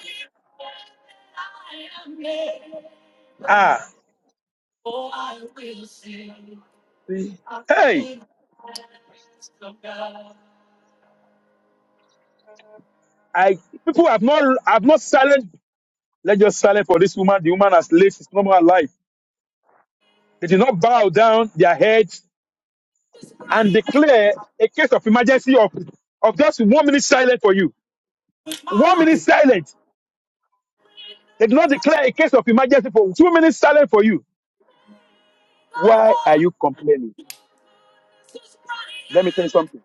far. ah. Oh, I will sing see. of the Hey, things of God. I people have not have not silent. Let just silent for this woman. The woman has lived his normal life. They did not bow down their heads and declare a case of emergency of, of just one minute silent for you. One minute silent. They did not declare a case of emergency for two minutes silent for you. Why are you complaining? Let me tell you something.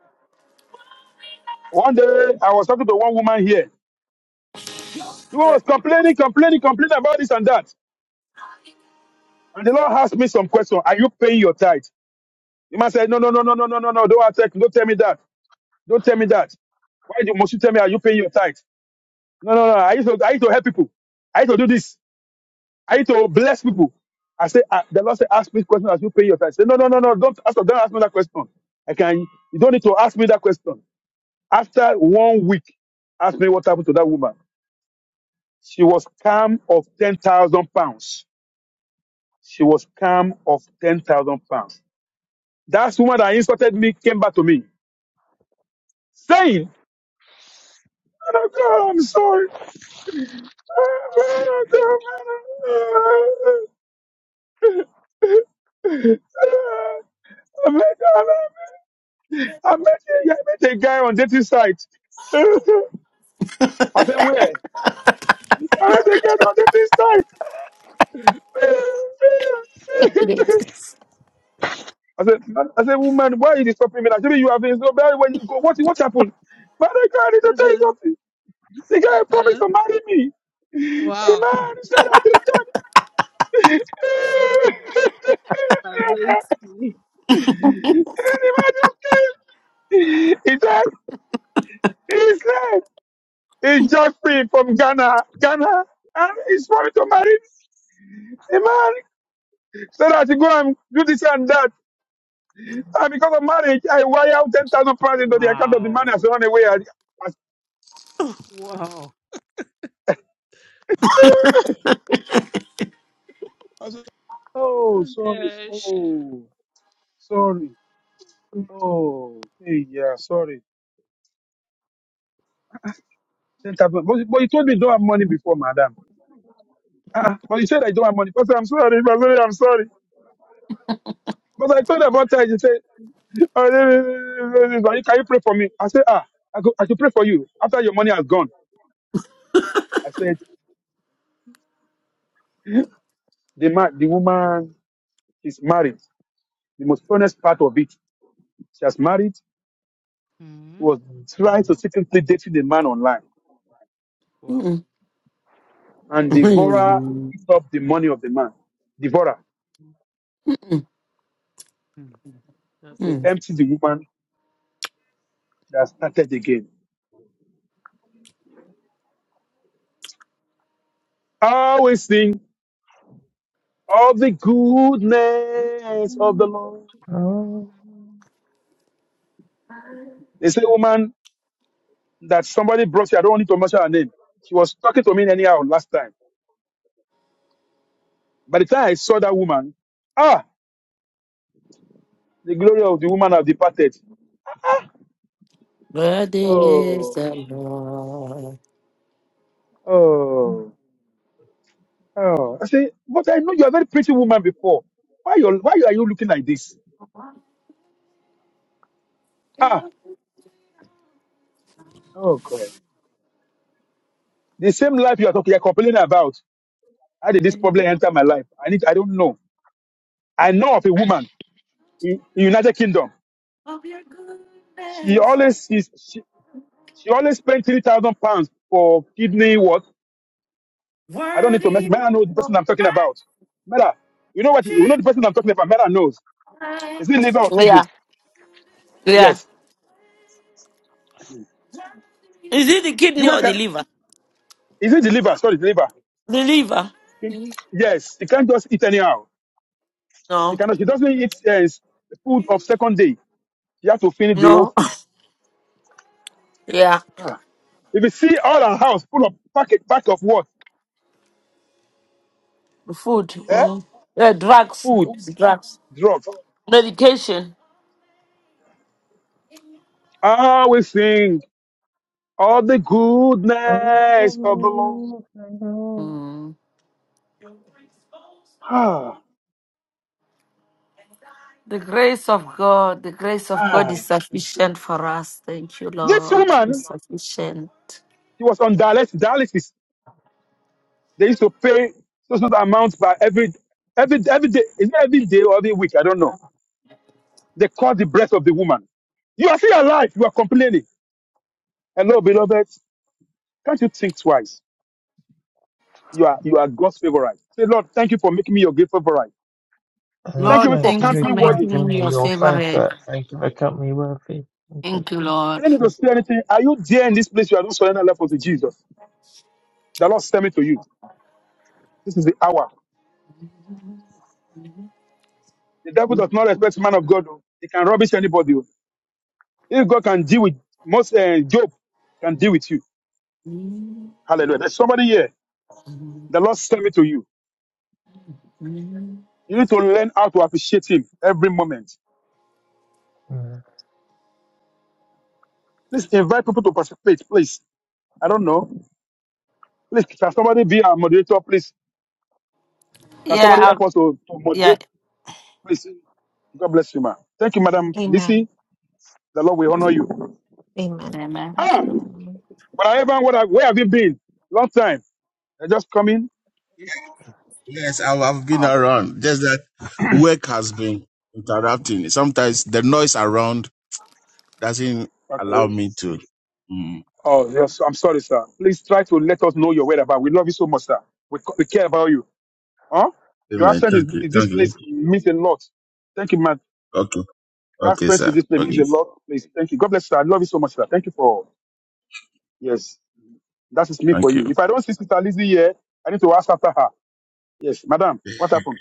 One day I was talking to one woman here. She was complaining, complaining, complaining about this and that. And the Lord asked me some question. Are you paying your tithe? The man said, No, no, no, no, no, no, no, no. Don't attack. Don't tell me that. Don't tell me that. Why do, must you tell me? Are you paying your tithe? No, no, no. I used to, I used to help people. I used to do this. I used to bless people. I said, uh, the Lord said, ask me question as you pay your tithe. I said, no, no, no, no. Don't ask, don't ask me that question. I can. You don't need to ask me that question. After one week, ask me what happened to that woman. She was calm of 10,000 pounds. She was calm of 10,000 pounds. That woman that insulted me came back to me saying, "Man of God, I'm sorry. Man of God, man of God." *laughs* I met, I met, I met, a- I met a guy on dating site. *laughs* I said, where? I met a guy on dating site. *laughs* Yes. I said, man, I said, woman, why are you disturbing me? Like, maybe you have been so bad when you go. What, what happened? Man, I can't need to tell you Uh-huh. something. The guy promised Uh-uh. to marry me. The Wow. man said I did that. *laughs* Amazing. the man just came. He said, he's left. He's just free from Ghana. Ghana. And he's promised to marry a man so that should go and do this and that. And because of marriage, I wire out 10,000 pounds into the account of the man and Wow. run away. I, Wow. Oh, Oh sorry. gosh. Oh, sorry. Oh, hey, yeah, sorry. Ten thousand. But, but you told me you don't have money before, madam. ah. ah, but you said I don't have money. But I'm sorry. I'm sorry. I'm sorry. But I told her about time. You said, oh, no, no, no, no, no, no, no, no, can you pray for me? I said, ah, I go, I should pray for you after your money has gone. I said, the man, the woman is married. The most honest part of it, she has married. She hmm was trying to secretly dating the man online, Wow. Mm. and the devourer Mm. picked up the money of the man. Devourer. hmm That's Mm. They serious. emptied the woman that started again. Always will sing of the goodness of the Mhm. Lord. Amen. They say, woman, that somebody brought you. I don't need to mention her name. She was talking to me anyhow last time. By the time I saw that woman, ah, the glory of the woman have departed. Worthy is Oh, the Lord. oh, oh. I say, but I know you are a very pretty woman before. Why, you why are you looking like this? Ah, oh God. The same life you are talking, you are complaining about. How did this problem enter my life? I need, I don't know. I know of a woman in, in United Kingdom. of your She goodness, always is she, she always spent three thousand pounds for kidney what? I don't need to mention. worthy Mera knows the person I'm talking about. Mera, you know what? You know Jesus. the person I'm talking about. Mera knows. Is it liver or kidney? Yeah, yeah. Yes. Is it the The kidney woman or the can. liver? Is it the liver? Sorry, the liver. The liver. Okay. Yes. She can't just eat anyhow. She No, cannot. She doesn't eat uh, food of second day. She has to finish the whole no. *laughs* food. Yeah, Ah. If you see all our house full of packet pack of what? food. Eh? Mm. Yeah, drugs, Food, drugs, drugs. medication. Ah, we sing. all the goodness of the Lord. Mm. Ah, The grace of God, the grace of God ah. is sufficient for us. Thank you, This Lord. woman, It's sufficient. she was on dialysis. dialysis. They used to pay so so amounts by every every every day. Is it every day or every week? I don't know. They caught the breath of the woman. You are still alive. You are complaining. Hello, beloved. Can't you think twice? You are you are God's favorite. Say, Lord, thank you for making me your great favorite. Uh, Thank Lord, you for thank you, thank you counting for Rick, me making worthy. making me me your your favorite. favourite. Thank you for company worthy. Thank you. Thank *laughs* you, I Lord. don't need to say anything. Are you there in this place? You are not surrender life unto Jesus. The Lord sent me to you. This is the hour. The devil does not respect man of God. oh. He can rubbish anybody. oh. If God can deal with most, uh, Job can deal with you. Hallelujah. There's somebody here. The Lord sent me to you. You need to learn how to appreciate Him every moment. Mm. Please invite people to participate, please. I don't know. Please, can somebody be our moderator, please? Can Yeah, somebody help us I'll- to, to yeah. moderate, please? God bless you, ma'am. Thank you, Madam Amen. Lisi. The Lord will honor you. Amen. Amen. Thank Ah, you. but I haven't, what I, where have you been? Long time. I just come in. Yes, I've, I've been Ah, around. Just that *coughs* work has been interrupting. Sometimes the noise around doesn't okay. allow me to. Mm. Oh, yes. I'm sorry, sir. Please try to let us know your whereabouts. We love you so much, sir. We, c- we care about you. Huh? Your Amen. absence is, Thank you. in this Thank you. place means a lot. Thank you, man. Okay. Your Okay, absence in sir. this place means Okay. a lot. Please, thank you. God bless, sir. I love you so much, sir. Thank you for yes. That is me for Thank you. you. If I don't see Sister Lizzie here, I need to ask after her. Yes, madam. What happened?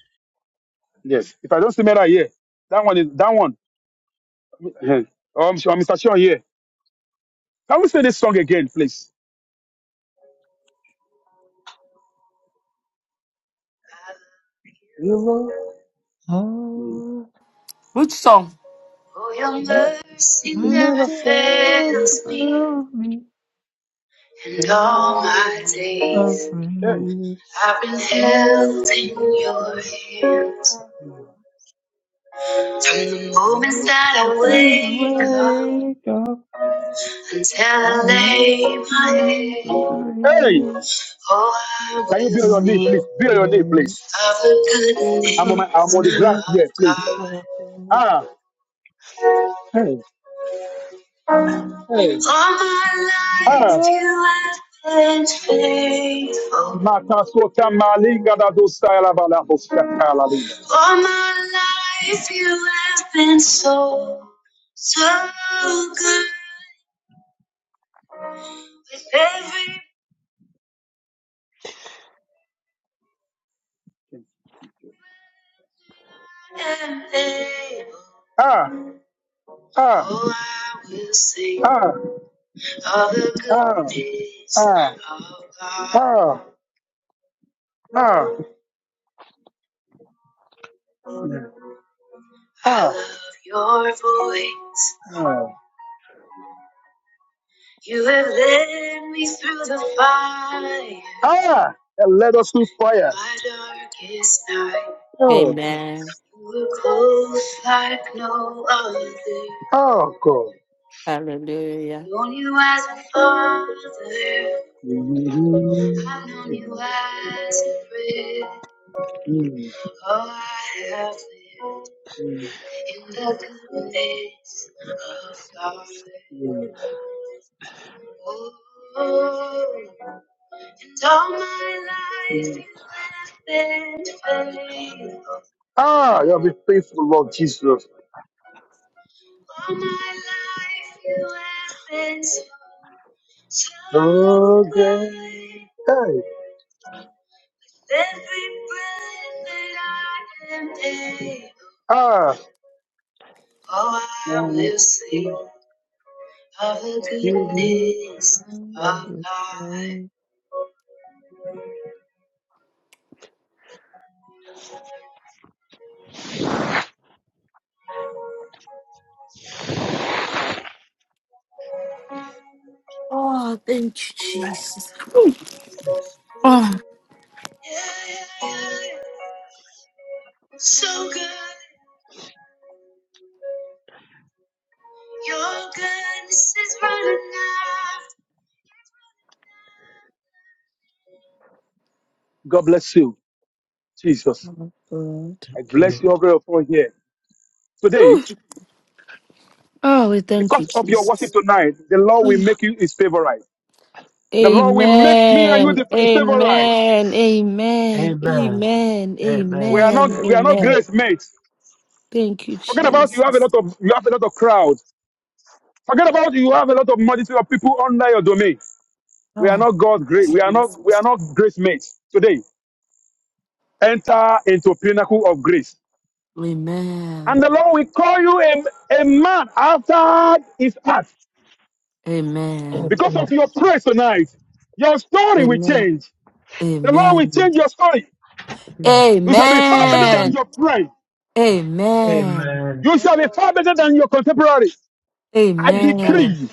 Yes. If I don't see Mera here, that one is that one. Um, Mr. Sean here. Can we say this song again, please? Oh, Oh, Which song? Your Mm. mercy I never see what fails me. above me, And all my above days, me. It's I've been held in your hands. From the moments that I wake up wake up until I lay and my praise the head. Hey! day. Oh, I Can you be on your knee, please? Oh, Be on your knee, please. praise I'm on, my, I'm on the the grass here, please. Amen. Ah, hey. Hey. All my Ah. life you you, have been faithful. Makasota malinga da dosta bala hoska linga. All my life you have been so, so good. With every and able, Ah, ah, oh, I will sing ah, of the ah, goodness ah, ah, of God. ah, ah. Oh. I love your voice. Oh. You have led me through the fire. Ah, that led us through fire. My darkest night. Oh. Amen. You were close like no other. Oh, God. Hallelujah. Known you as a father. Mhm. I've known you as a friend. Mm, Oh, I have lived mm, in the goodness of God. mm, Oh, and all my life mm. you have been faithful. Ah, you have been faithful, Lord Jesus. All my life you have been so, so So good. Hey. Every breath that I am able, Ah. Oh, I will sing of the goodness of God. Oh, thank you, Jesus. Yeah, yeah, yeah. So good, your goodness is running out. God bless you, Jesus. Lord. I bless you Lord. over for here. Today, Oh, we thank you, because of your worship Jesus. tonight, the Lord will Amen. make you his favorite. The Lord will make me and you Amen. the, his favorite. Amen. Amen. Amen. Amen. Amen. We are Amen. not we are not Amen. grace mates. Thank you, Forget about you have a Jesus. lot of you have a lot of crowd. Forget about you have a lot of multitude of people under your domain. We are Ah. not God's grace. We are not we are Jesus. not grace mates today. Enter into pinnacle of grace. Amen. And the Lord will call you a, a man after his heart. Amen. Because Amen. of your praise tonight, your story will Amen. change. The Lord will Amen. change your story. You shall be Amen. far better than Amen. your friend. Amen. Amen. You shall be far better than your contemporary. I Amen. decree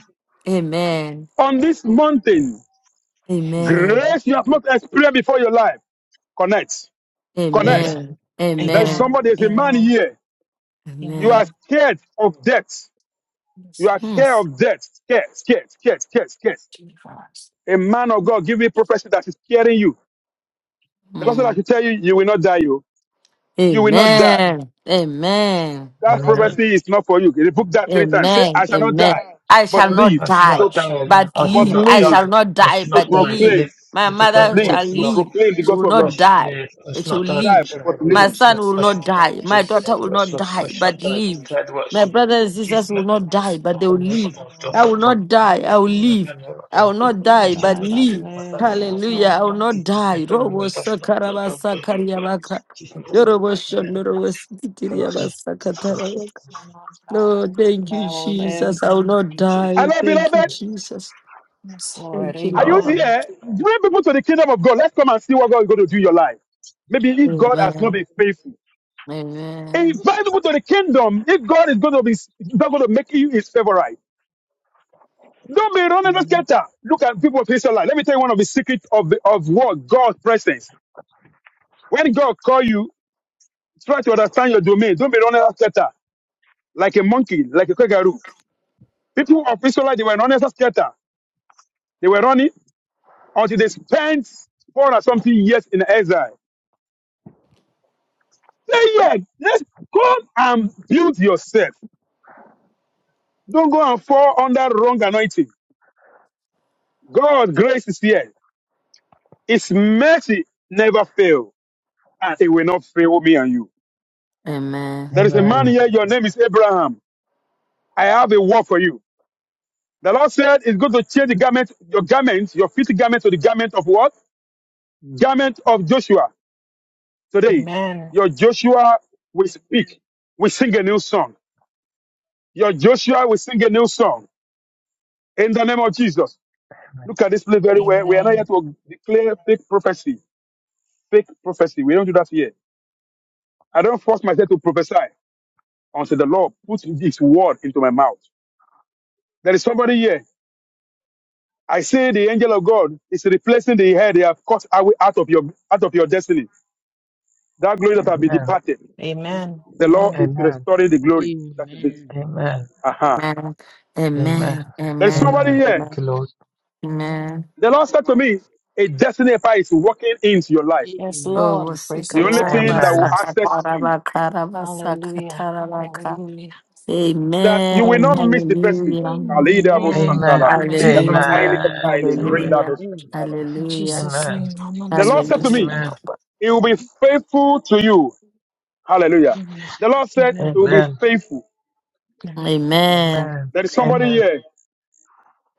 Amen. on this mountain, Amen. grace you have not experienced before your life. Connect. Connect Amen. Amen. There's Amen. Amen. Amen. somebody, there's a man Amen. here. You are Amen. Amen. scared of death. Yes, You are Hmm. Lord. scared of death. Scared, scared, scared, scared, scared. Jesus. A man of God give me prophecy that is scaring you. The person Hmm. that should tell you, you will not die, you. You will not die. Amen. Amen. That Amen. prophecy is not for you. book that three times. Say, Amen. I shall not Amen. die, I shall but live. not I shall die, not I So, shall die. not but I shall but live. die. not I live shall die. not I die, shall to not but die, but live. live proclaim, My to but declare mother the live shall works of the to Lord. live. proclaim the That's She will gospel of God. not Lord. die. Ashley, She will Ashnottar Die, live. Picture but had the My live. works son of That's will not Ashnottar die. Lord. My Picture had daughter the will works not of die, That's but Ashnottar live. Picture had the works My of Lord. brothers and sisters will Judgment, not die, my but they will family of live. large. Tom I will Um, Topper, not die. I will my live. family of I will Tom will not Topper, not die, but die, judgment, but live. my live. family of Tom Yes, Hallelujah. I will Topper, Lord. not judgment, die. and my I'm Robo not sakaraba Tom Topper, sakariabaka. judgment is in Yorobo payment. shondorobo Jesus. sikitiriaba name, Amen. Glory to God. Will not die, Lord, thank but you, I will live. Jesus. I will Thank not you, die. Jesus. Hello, Thank you, beloved. Jesus. Yes, Lord. Thank you, Are you Lord. Amen. here? Bring people to the kingdom of God. Let's come and see what God is going to do in your life. Maybe if God has not Amen. been faithful, Amen. invite people to the kingdom. If God is going to be not going to make you his favorite, don't be running the scatter. Look at people of Israel. Let me tell you one of the secrets of the, of what God's presence. When God call you, try to understand your domain. Don't be running the scatter like a monkey, like a kangaroo. People of Israel, they were running the scatter. They were running until they spent four or something years in exile. Say yes. Yes. Come and build yourself. Don't go and fall under wrong anointing. God, grace is here. His mercy never fail, and it will not fail me and you. Amen. Amen. There is a man Amen. here. Your name is Abraham. I have a word for you. The Lord said, "It's going to change the garment, your garment, your filthy garment, to the garment of what? Garment of Joshua." Today, Amen. your Joshua will speak. We sing a new song. Your Joshua will sing a new song in the name of Jesus. Amen. Look at this place very well. We are not here Amen. to declare fake prophecy. Fake prophecy. We don't do that here. I don't force myself to prophesy until the Lord puts this word into my mouth. There is somebody here. I say the angel of God is replacing the hair they have cut away out of your out of your destiny. That glory that have been Amen. departed. Amen. The Lord Amen. is Amen. restoring the glory. That is it. Amen. Amen. Aha. Amen. Amen. Amen. There is Amen. somebody Amen. here. Thank you, Amen. The Lord said to me, a destiny fire is walking into your life. Yes, Oh, Lord. Praise the The only Lord. thing that Lord. will access you Hallelujah. wasikatarabasakatarabakarabasakarabaka. Hallelujah. that you will Amen. not miss Hallelujah. the blessing. Hallelujah. Kalidabo Amen. Amen. Amen. Amen. santalabo. Mama is Be thou my helper. Amen. highly Hallelujah. exalted. Amen. Hallelujah. Redabo Amen. santalabo. In Hallelujah. Jesus' Amen. name, Mama The is Lord my said to me, Hallelujah. destiny Amen. helper. He will be faithful to you. Hallelujah. Amen. The Lord said, He Amen. will be Amen. faithful. Amen. Amen. Amen. There is somebody Amen. here.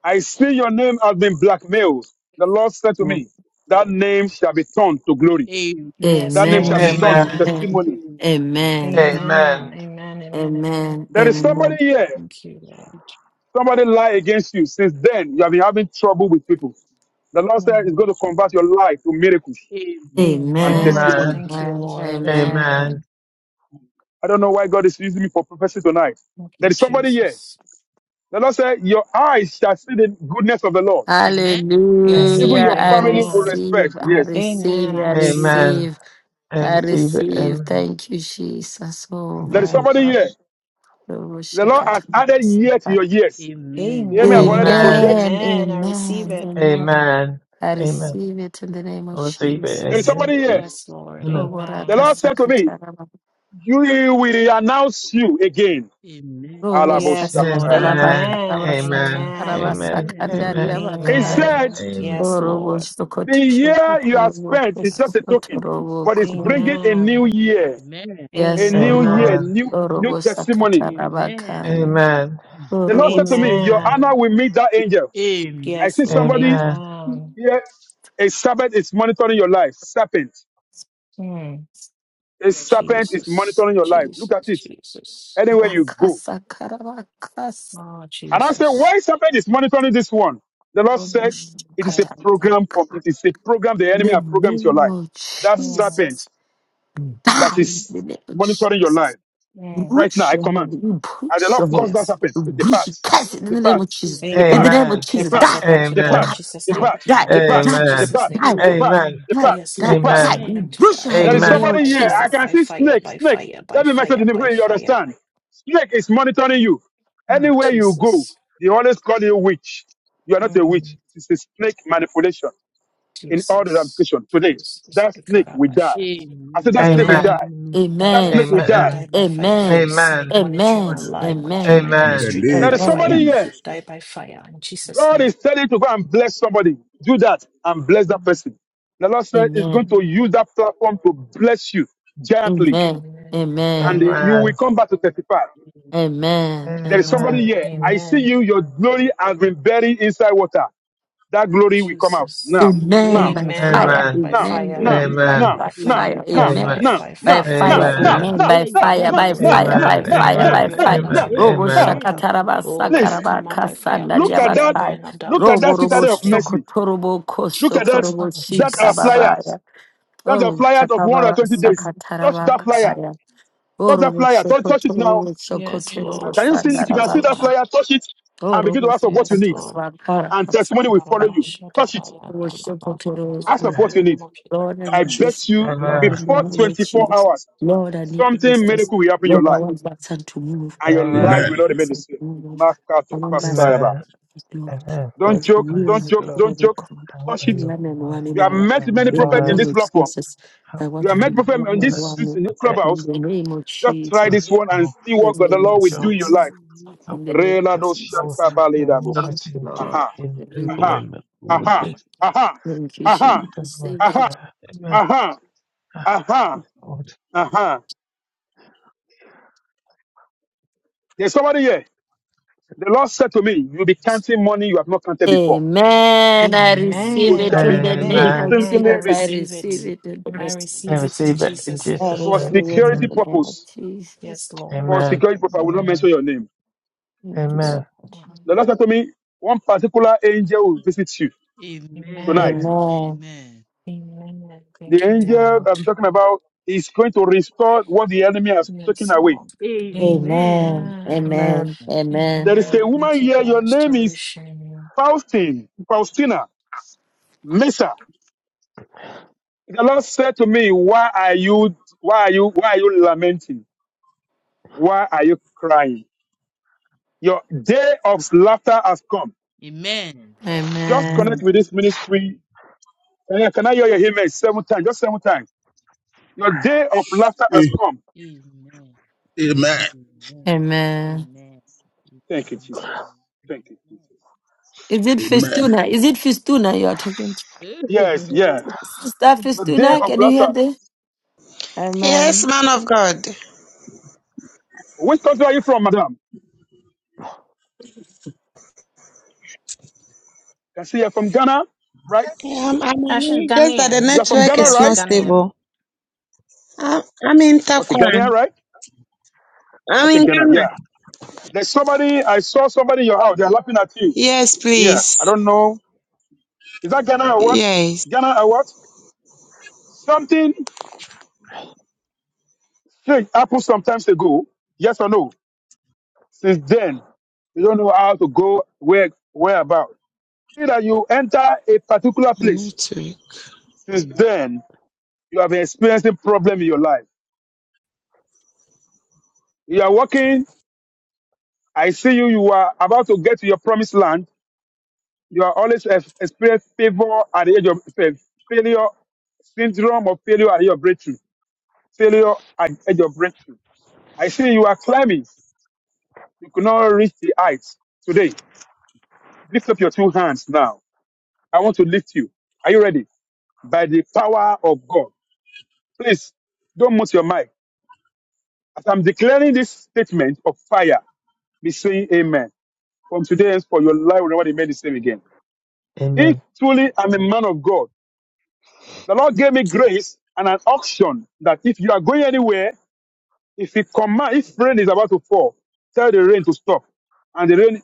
I see your name has been blackmailed. The Lord said to me, That name shall be turned to glory. Yes, That name Amen. shall Lord. be Amen. turned to Amen. Amen. testimony. Amen. Amen. Amen. Amen. Amen. Amen. Amen. Amen. There is somebody Amen. here. Thank you, Lord. Somebody lie against you. Since then, you have been having trouble with people. The Lord said He's Mm. going to convert your life to miracles. and Amen. testimony. Amen. Thank you, Amen. Lord. Amen. Amen. Amen. I don't know why God is using me for prophecy tonight. Thank There you, is somebody here. Jesus. The Lord said, Your eyes shall see the goodness of the Lord. Amen. Amen. Yes, Even Amen. Lord. Hallelujah. your I family will Amen. respect. receive. I Yes. Amen. Amen. receive. I I receive it. Amen. receive. I I receive it. receive. Amen. Thank you, Jesus. Oh, Thank There you, is my somebody Father. here. Jesus. Oh, The Lord has added Shakatamasa. year to your years. You Amen. hear me? I've already Amen. Amen. projected. Amen. Amen. I receive Amen. it. Amen. Amen. I Amen. receive it in the name I of receive it. There is Jesus. Amen. somebody here. Jesus. Yes, Lord. Amen. The Amen. Lord said to me, Oh, You he will announce you again. Amen. Robo Yes, Lord. Alabosakaba. Amen. Amen. Amen. Amen. Amen. Amen. Sakarabakarabasakandaria Amen. He Bakai, Amen. said, Amen. Amen. Yes, Orobo Lord. The year you have Sokotorobo spent is just Yes. a token, Sokotorobo but it's Koya. bringing a new Amen. year, Amen. a Yes, O new Amen. year, Lord, Amen. new new Orobo testimony. Amen. Amen. Sakatarabakai, Amen. The Lord Orobo said to me, Your Amen. honor Amen. will meet that angel. Amen. Amen. I Yes, see Lord. somebody Amen. Amen. here, a serpent is monitoring your life. Serpent. Hmm. A serpent is Jesus. monitoring your life. Look at Jesus. it. Jesus. Anywhere you go. Sakarabakas, Oh, And I said, Jesus. Why serpent is monitoring this one? The Lord Orobo said, Mm, It is a God. program for Sakatarabaka. it is a program the enemy The has programmed your name life. of That Mm, Jesus, serpent that Ah, in is the name of monitoring your Jesus. life. mm. Right now, Bruise I your head. command. You As the bruise Lord your head. caused that Yes. happen, Lord. You bruise depart, your chest in the name depart, of Jesus. In the depart, name Amen. of We Amen. Jesus. curse depart, Die. ourselves unto die in depart, Die. Amen. Jesus' Die. name. depart, Die. depart, Depart Die. in Amen. Jesus' depart, name. We Die. call. depart, Amen. Amen. Amen. Die. depart, Yes, Die. Lord. We depart. Die. Amen. summon You them to bruise your die. head There in is the name Amen. of somebody by here. I fire, Jesus. can by see fire, snake, by snake. fire, by Let me make sure the fire, people by you fire. understand. Snake is monitoring you. Mm, Anywhere you go, Jesus. they always call you witch. You are not a witch. Mm, It's a snake manipulation in all the Jesus. ramifications. Today, Jesus. that snake will die. Ikarabashara. I said that snake will Amen. die. Amen. Amen. Die That by Amen. snake will fire, die. Amen. die by fire. Every Amen. Amen. snake monitoring Amen. my Father, life, Amen. monitoring Amen. my In the Amen. ministry, die There name by is of Amen. somebody fire, here. Jesus, I die by fire. In Jesus' God name. is telling you to go and bless somebody. Do that and bless that Mm, person. The Lord said is going Amen. to use mm. that platform to bless you gently, Amen. Amen. And Amen. you Amen. will come back to testify. There is somebody Amen. here. Amen. I see Amen. you. Your glory has been buried inside water. That glory will come out Jesus. now, now, Amen by Amen. now, fire. Amen. Amen. By now, Amen. fire. now, Amen. Fire now, Amen. by by now, now, Amen. Amen. fire. fire, Amen. Amen. by now, Amen. Amen. fire, now, by By now, fire, by now, Amen. fire. Amen. now, fire. Amen. now, By now, Let fire. that now, By Amen. glory now, come fire. Amen. out. now, By now, Every fire. By Amen. glory of now, fire. mine that's now. been Robo buried in Now, water. shakataraba Oh, let please it sakaraba come out by fire. Let your look kasandaria at fire that. bakai. burn up that Look at water Robo that in robo citadel Jesus' of name. mercy. shokotorobo Look at that. kosokorobo Oh, That are Jesus. flyers. shikababaya. That's a Oh, flyer of chapababa 120 days. Touch sakataraba that Yes, flyer. kaya. Lord. Oh, Touch that robo flyer. Touch, touch it now. shokotorobo Yes, shokotorobo Lord. Can you see? If Yes, you can see Lord. that sandarabaka. flyer, touch it Oh, and begin robo to ask for what you Yes, need. Lord. shakataraba kara And testimony will Lord, follow I you. Touch it. worship of total Ask for cool. pray what in you the need. name of Lord, I I need touch you. business. bet you Lord, in the before name of 24 Jesus. hours, Lord, I need a something business. miracle will happen in your Lord, I life. want my son to move. And your Lord, I life Amen. want will Amen. not my remain the son same. to move over. I Makato want my son pasaraba. Amen. to move, Lord. Amen. Don't Lord, joke. you are Don't Yes, my joke. Lord, people Don't of joke. God. help Touch me, You it. Lord, one and my one You in have all. every met of my many In the prophets in name life. this of platform. Jesus, I Help You want have you me, met to my be prophets in one and this finances, one. in this my clubhouse. In the name of Just try Jesus. the this one and health see In the what God the name of my Lord will do job. in your Jesus. life. Amen. Amen. Amen. In Help me the with name my Rela of job, do Lord. Jesus. shaka baleda I'm busha. Thank always you, in job, Lord. Aha, in Hallelujah. aha, employment all the aha, days aha, Thank you, aha, of Jesus. my Thank you. aha, retire. Amen. aha, Ah, aha, Lord. aha. There's somebody here. The Lord said to me, You'll be Jesus. counting money you have not counted before. Amen. I You receive Amen. Amen. it shall be in the you'll Amen. be name Amen. of Amen. I filthily Jesus. rich I receive receive it. it in the Amen. name I of I receive it in receive Jesus. it Amen. in Jesus' I Jesus' for receive name. name. it in Amen. security the name of purpose. Jesus. Yes, For Lord. Amen. security purpose, I will not Amen. mention your name. Thank you, Yes, Amen. Lord. Lord. The Lord said to me, one particular angel will visit you Amen. tonight. Amen. Amen. Amen. Amen. The Thank you, angel Lord. I'm talking about is going to restore what the enemy has taken Yes, away. Lord. Amen. Amen. Amen. Jesus. Amen. Amen. Amen. There is a Amen. woman Thank you here, for your name is restoration. Faustine, Faustina, Mesa. The Lord said to me, Why are you why are you why are you lamenting? Why are you crying? Your day of laughter has come. Amen. Just connect Amen. with this ministry. Can I, can I hear your amen? Seven times, just seven times. Your day of laughter has come. Amen. Amen. Amen. Amen. Amen. Amen. Amen. Thank you, Amen. Jesus. Thank you, Jesus. Is it Amen. Fistuna? Is it Fistuna you are talking to? Yes, yeah. *laughs* Sister Your day Fistuna, of can you hear laughter. this? Yes, Amen. man of God. Which country are you from, madam? Can see you're from Ghana, right? Um, I Ah, she's mean, just that the Ghanaian. You're from network Ghana, Yeah, is she's not right? Ghanaian. stable. I'm, I'm in Okay, Takwa. Ghana, right? I'm Okay, in Ghana, Ghana. yeah. There's somebody, I saw somebody in your house, they're laughing at you. Yes, Yeah, please. I don't know. Is that Ghana or what? Yes. Ghana or what? Something shake happened sometimes ago, yes or no? Since then, you don't know how to go where, where about. See that you enter a particular The place. network. Since then, you have experienced a problem in your life. You are walking, I see you, you are about to get to your promised land You are always ex- experience favor at the age of fa- failure, syndrome of failure at your breakthrough, failure at the age of breakthrough. I see you are climbing. You could not reach the heights today. Lift up your two hands now. I want to lift you. Are you ready? By the power of God. Please don't mute your mic. As I'm declaring this statement of fire, be saying amen. From today henceforth, your life will never remain the same again. If Amen. truly I'm a man of God, The Lord gave me grace and an auction that if you are going anywhere, if He command, if rain is about to fall, tell the rain to stop, and the rain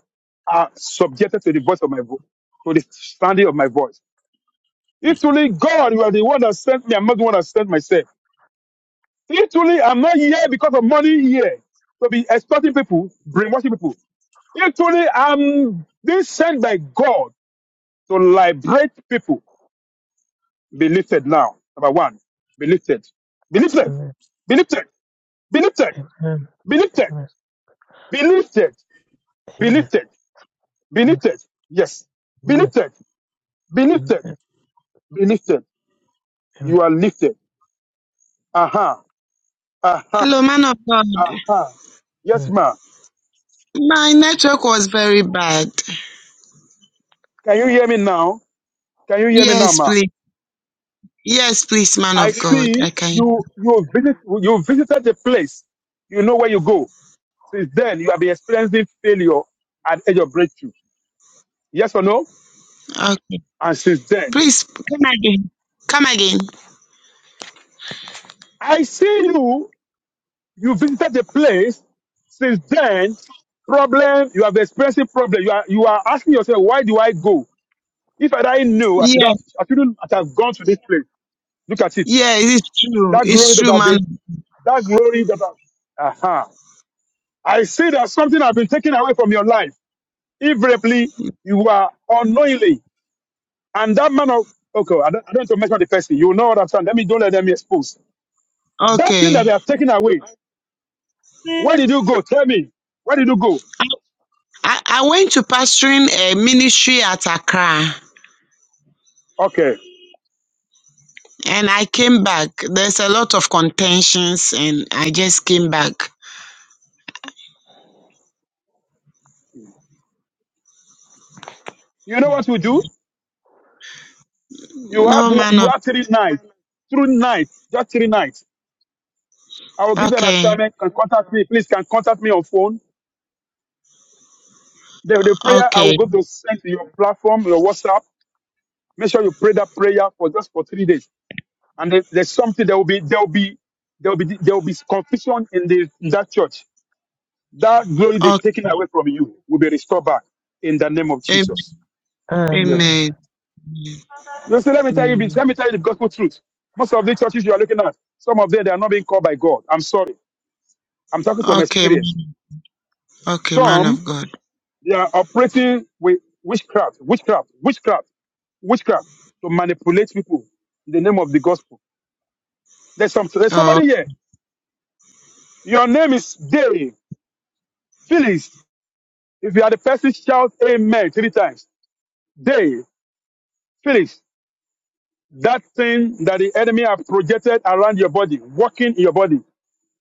are subjected to the voice of my voice, to the sounding of my voice. If truly God, you are the one that sent me, I'm not the one that sent myself. If truly I'm not here because of money here to be extorting people, brainwashing people. If truly I'm being sent by God to liberate people, be lifted now. Number one, be lifted, be lifted, Amen. be lifted. Be lifted. Amen. Amen. Be lifted. Amen. Be lifted. Be Amen. lifted. Be Amen. lifted. Yes. Be Amen. lifted. Be lifted. Be lifted. You are lifted. Aha, aha, aha. Hello, man of God. Yes, ma. My network was very bad. Can you hear me now? Can you hear me now, Yes, ma? please. Yes, please, man I of God. see I can. you you visit you visited the place. You know where you go. Since then you have been experiencing failure at edge of breakthrough. Yes or no? Okay. And since then, Please come again. Come again. I see you. You visited the place. Since then, problem. You have experiencing problem. You are you are asking yourself, why do I go? If I didn't know, I should Yeah. have. I shouldn't have gone to this place. Look at it. Yeah, it's true. That glory It's that true, I've man. been. That glory that. I, aha. I see that something has been taken away from your life. Invariably, you are unknowingly, and that man of okay. I don't, I don't want to mention the person. You will not understand. Let me don't let them expose that thing Okay. that they have taken away. Where did you go? Tell me. Where did you go? I, I, I went to pastoring a ministry at Accra. Okay. and I came back. There's a lot of contentions, and I just came back. You know what we do? You have No man you of have three nights, three nights, just three nights. I will give you an okay, assignment. Can contact me, please. Can contact me on phone. The, the prayer I okay, will go to send to your platform, your WhatsApp. Make sure you pray that prayer for just for three days. And if there's something there will be there will be there will be there will be confusion in the in that church. That glory they're okay, taken away from you will be restored back in the name of Jesus. Yes. amen. You see, let me tell you this. amen. Let me tell you the gospel truth. Most of the churches you are looking at, some of them they are not being called by God. I'm sorry. I'm talking from Okay, experience. man- okay, man Some of God. they are operating with witchcraft, witchcraft, witchcraft, witchcraft to manipulate people in the name of the gospel. There's some there's Oh. somebody here. Your name is Derry Phyllis. If you are the person, shout Amen three times. Derry Phyllis. That thing that the enemy have projected around your body, working in your body,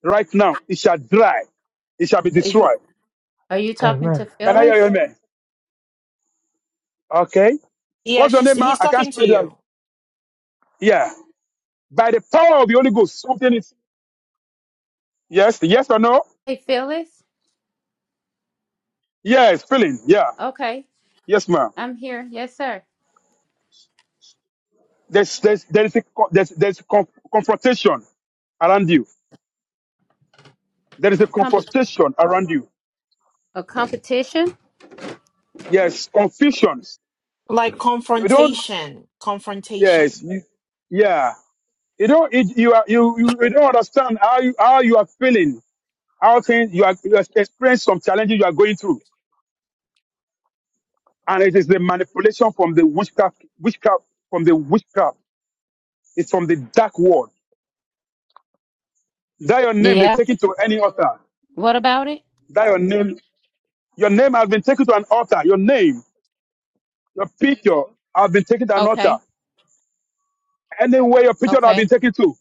right now, it shall dry. It shall be Are you, destroyed. are you Amen. talking to Amen. Can I hear your Phyllis? amen? Okay. Yeah, What's your she's name, ma? he's I can't talking to spell that. you. Yeah. By the power of the Holy Ghost, something is yes, yes or no? Hey, Phyllis? Yes, feeling. Yeah, Okay, yes, ma'am. I'm here. Yes, sir. There's there's there is a co- there's there's conf- confrontation around you. There is a Comp- confrontation around you. a competition? Yes, confusions. Like You don't. confrontation. Yes, Confrontation. you, yeah. You don't. It, you are you, you you don't understand how you how you are feeling. How things you are you are experiencing some challenges you are going through, and it is the manipulation from the witchcraft witchcraft from the witchcraft. It's from the dark world. That your name, they Yeah. take it to any altar. What about it? That your name, your name has been taken to an altar. Your name, your picture has been taken to an altar. Okay, Anywhere your picture has okay. been taken to,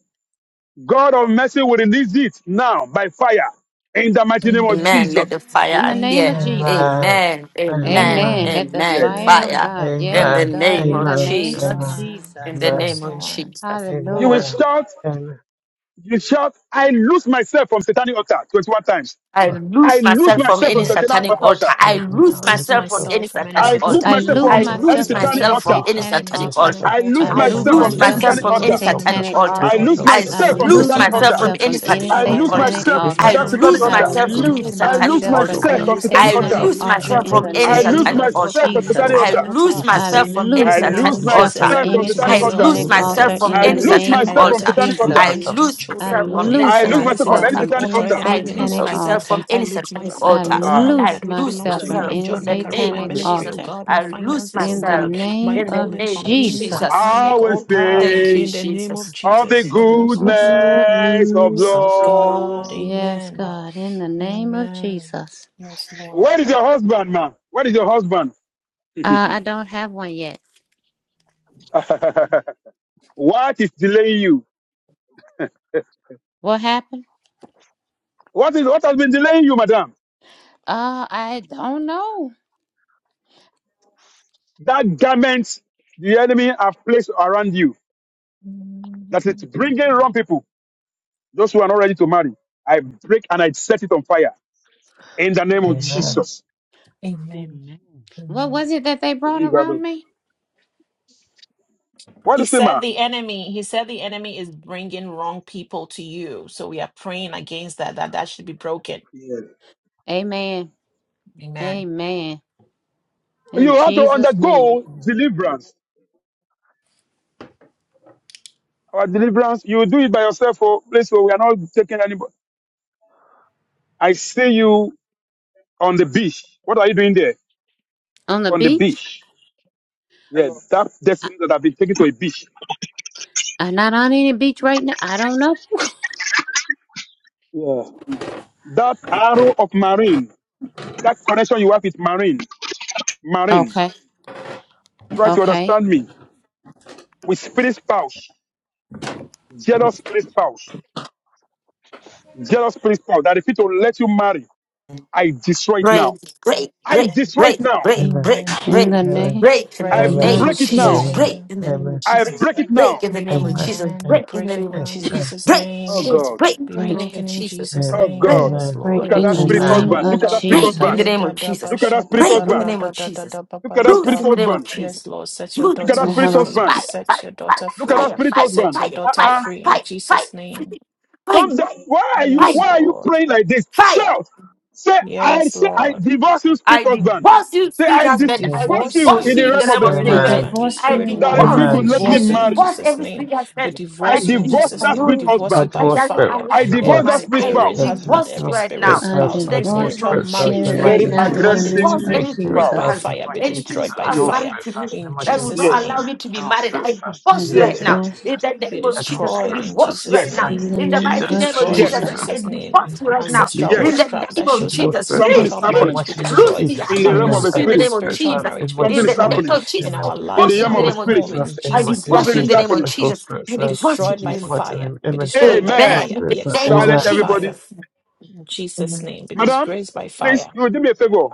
God of mercy will release it now by fire in the mighty name of Amen. Jesus. Let Amen. the fire In the name appear. of Amen. Amen. Jesus. Amen. Amen. Amen. Amen. Amen. Let Amen. the Yes. Amen. fire of Fire. Amen. God. In Yes, the Amen. God, name in the of Amen. name Yes, of Jesus. Amen. Lord. In Jesus. the Amen. name Yes, of Lord. Jesus. You will Hallelujah. Amen. shout, Amen. you shout, I lose myself from satanic altar 21 times. I I lose lose myself from Release myself from any satanic myself satanic from altar. altar. I satanic I lose altar. lose Release myself from myself any myself from from any satanic I satanic lose altar. I altar. satanic myself Release loose I from myself altar. any I lose myself from from lose satanic any satanic myself altar. from myself any from altar. satanic any satanic Release altar. satanic altar. myself from I I lose altar. I satanic loose altar. myself I from lose Release any lose myself myself from myself satanic from from myself, any my any altar. satanic family, my altar. satanic satanic altar. children I Release from altar. lose any myself I from I myself s- from satanic satanic lose altar loose altar. satanic in the altar. myself name from of Myself myself from any from Jesus. any satanic I satanic I lose altar. altar. lose satanic myself David Release from from altar. I any that myself satanic lose from satanic I altar. altar myself in from the any mighty loose I name of satanic lose Jesus. myself satanic from altar. I myself altar. any from lose satanic I Release Asei. altar. I satanic myself from lose lose altar satanic myself John. I in from the altar. lose any I Release name lose Eli, myself satanic oh of from God, myself altar. from from any satanic satanic Jesus. altar. I satanic altar. lose altar Release I myself from myself in the from any I loose mighty satanic altar. name lose of satanic Release myself myself altar. Jesus. from I myself from any lose from satanic satanic I altar. altar. myself, Release oh lose satanic myself Lord. I from myself altar satanic altar. Release lose from in I the myself any Mary. lose from satanic name satanic I altar. myself from lose of altar. her satanic husband altar. Release and I Jesus. his myself ch- from lose satanic I children, oh myself altar. from Lord, Release any loose I myself from lose any satanic myself from myself any altar. satanic from satanic from altar any in altar. the I mighty name satanic lose of satanic altar. Jesus. myself from altar. I any lift satanic I myself, Zalisma altar. my self Ah, family, and I loose that which lose belongs myself to thank Zalisma me, from you. my self myself any job, in the my Zalisma career, name my of satanic Zalisma ministry, oh Jesus. altar. God, my I lose finances, oh In the myself God, my name in the of calling name from of any Jesus my Jesus. Jesus. I satanic will altar. Thank you, In sing the name of Jesus. of the Jesus, I lose myself. goodness of Self God, Lord. Yes, amen. God, in the name of Amen. Jesus. Yes, Lord. Where is your husband, man? Where is your husband? Uh, I don't have one yet. *laughs* what is delaying you? What happened? What is what has been delaying you, madam? Uh, I don't know. That garment the enemy have placed around you that it's Mm-hmm. bringing wrong people, those who are not ready to marry. I break and I set it on fire in the name of Amen. Amen. Amen Jesus. Amen. Amen. What Amen. was it that they brought around me? What do He you say, ma? said the enemy, he said the enemy is bringing wrong people to you. So we are praying against that, that that should be broken. Amen. Amen. Amen. In You have to Jesus' name. undergo deliverance. Our deliverance, you will do it by yourself. For place where we are not taking anybody. I see you on the beach. What are you doing there? On the On the beach? beach. Yeah, Hello. that destiny that have been taken to a beach. I'm not on any beach right now. I don't know. Yeah that arrow of marine, that connection you have with marine. Marine, Okay. try to Okay. understand me. With spirit spouse, jealous spirit spouse, jealous spirit spouse that if it will let you marry, I destroy it now. Break, break, I break, Amen. destroy it break, now. break, Amen break, Amen. In break, the Amen name break in the I Break in Amen name of of break it Jesus' Jesus. now. Amen Jesus. Break name. in the name of Amen I Jesus. break it Break now. in the name of Amen Jesus. Amen. We Break in break the it name of now in Amen Jesus. Jesus' Break, Oh name. yes, God. break be in the Break name it. of broken in Jesus. Jesus' Oh name. Break Amen in God. Yes, Amen the Break. Lord. Look name at of In that the Amen Amen spirit Jesus. Rekatala name husband. baba Look of at ba. that spirit Break in husband. the Jesus. name Reda of da Jesus. ba Look at that spirit shada ba Break in the ra husband. name of da da da Jesus. da ba Look ba at that ya Loose spirit da. in the name of husband. Jesus. Yes, Lord, set your Loose Look at in the daughter I that name of spirit have a. Jesus. free. husband. Fire, Set fire, your fire, daughter Look at that free. fire, spirit fire, Set husband. your fire, daughter fire, Uh-uh. free fire, in fire, Jesus' name. fire, Don't that, why are you Yes, fire, fire, why are you Lord. praying like this? fire, Shout. Say I Yes, say I Lord. divorce you, spirit I husband. divorce you, Say spirit I I husband. I divorce divorce you divorce in you, you the in you the realm of realm the of spirit the I spirit Amen spirit. husband, you divorce I you spirit in the that wife. We name refuse to divorce. of Amen let me I divorce Jesus. you in marry. divorce Jesus' every name. spirit We husband I that divorce you in is divorce Jesus' that name. We spirit annoying, divorce you husband. by that doesn't fire. allow I you to Amen divorce Every that marry. spirit I spirit spouse. that husband, divorce you every the right spirit spirit now. I spouse, spouse, In I every the divorce name spiritual the of spirit spouse marriage, in spirit Jesus, my right Very we name of I now have in Jesus. command the it to aggressive I name divorced spirit of draw break, spirit anything break by spouse. Jesus. spouse past, in fire, my be name of anything Jesus. destroyed I by past draw Yes. fire spirit married to me spouse in in my that name of would Jesus' not Jesus. Yes. allow name. me to I be draw married. spirit I spouse I in divorce you my Yes. right name of now. divorce In the Jesus. Be name of I draw Jesus, I destroyed spirit in spouse divorce you Jesus' right in Yes. now. my in name. the name of In the name Be mighty Jesus. of name of I destroyed spirit in spouse Jesus, Jesus. Yes. I Jesus' in name. divorce you my right name of now. Ancestral In Jesus. the Yes. witchcraft name that I of shows up Jesus, as spirit Something leave, is spouse spiritual in leave, happening my marriage be name of destroyed. Lucy, I in Jesus. the Marine realm of Amen. the divorce I you in the spirits, draw spirit. name of spirit spiritual spouse Jesus. in marriage be my Something In name the is of name destroyed of happening Jesus. Jesus, in I Amen. our in lives, the divorce in I you realm in the of draw the name our of spirit spirit. home, Jesus. in spouse in I my Jesus' name of divorce Something name. you in is the name Jesus. of happening. I draw Jesus. spirit I Be spouse divorce you in in destroyed the by Jesus' name of mighty fire. name. Be Amen. destroyed by Draw Amen. Amen. In fire. spirit Be the spouse. name exposed of Amen. Silent by fire. everybody. Jesus. In Jesus' Amen. name. Be Madam, disgraced by please, fire. you will do me a favor.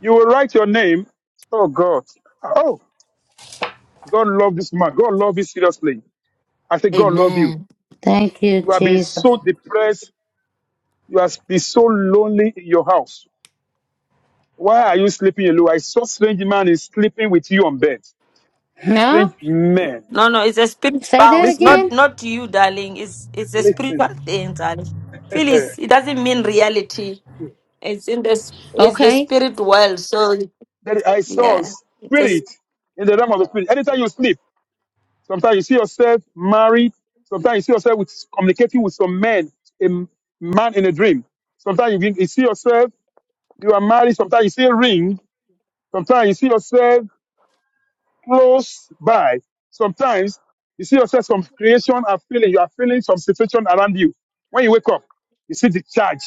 You will write your name. Oh God. Oh, God love this man. God love you seriously. I say God love you. Amen. Thank you, You have been Jesus. so depressed. You have been so lonely in your house. Why are you sleeping alone? I saw strange man is sleeping with you on bed. No? Strange man. No, no, it's a spirit Say that spouse, Listen, not again? not you, darling. It's it's a listen. spiritual thing, darling. Phyllis, it doesn't mean reality. It's in the s- it's the Okay. spirit world. So That I saw yeah, it is spirit in the realm of the spirit. Anytime you sleep. Sometimes you see yourself married. Sometimes you see yourself with, communicating with some men, a m- man in a dream. Sometimes you, you see yourself, you are married. Sometimes you see a ring. Sometimes you see yourself close by. Sometimes you see yourself some creation are feeling. You are feeling some situation around you. When you wake up, you see the charge.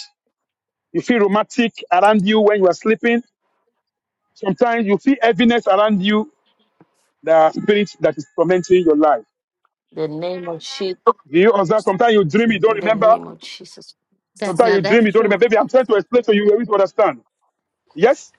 You feel romantic around you when you are sleeping. Sometimes you feel heaviness around you, the spirit that is tormenting your life. the name of Jesus. Do you observe? Sometimes you dream, you don't In the remember. name of Jesus. That Sometimes now you dream, that's you don't true. remember. Baby, I'm trying to explain to you, you to understand. Yes?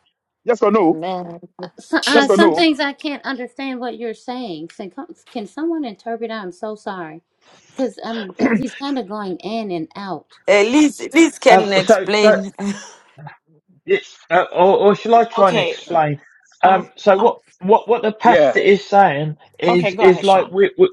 Yes or no? Amen. So, uh, Yes or some no? Jesus. things I can't understand what you're saying. Can, can someone interpret? I'm so sorry, because I'm he's kind of going in and out. Uh, Liz, Liz Um, can so, so, explain. *laughs* yes, uh, or, or shall I try and Okay. explain? Um, Um, so um, what, what, what the Yeah. pastor is saying okay, is, go is ahead, like Sean. we, we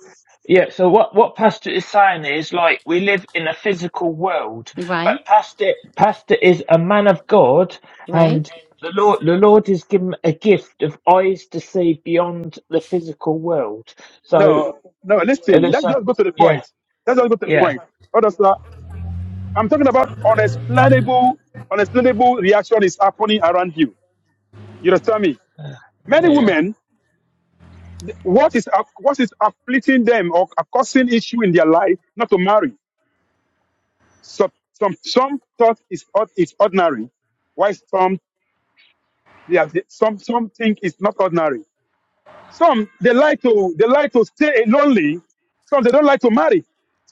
yeah. So what, what pastor is saying is like we live in a physical world, Right, but pastor, pastor is a man of God, right. and the Lord, the Lord has given a gift of eyes to see beyond the physical world. So, No, no, uh, listen, there's let's a- just go to the yeah, point. Let's just go to the yeah, point. Brother Sla, I'm talking about unexplainable, unexplainable reaction is happening around you. You understand me? uh, yeah, Many yeah, women, what is aff- what is afflicting them or causing issue in their life not to marry? Some some some thought is ord- is ordinary, while some they are, some some think it's not ordinary. Some they like to they like to stay lonely. Some they don't like to marry.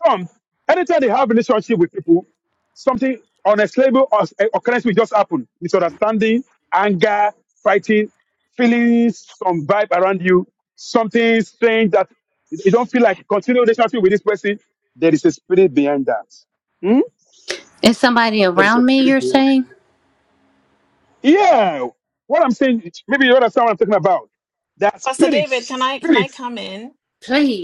Some anytime they have relationship with people, something unexplainable or eh, occurrence will just happen. Misunderstanding, anger, fighting, feeling some vibe around you, something strange that you you don't feel like continue relationship with this person. There is a spirit behind that. Hmm? Is somebody There is a around me? spirit You're behind it. saying? Yeah. What I'm saying, maybe you understand what I'm talking about. That Pastor spirit, David, can I can I spirit. come in?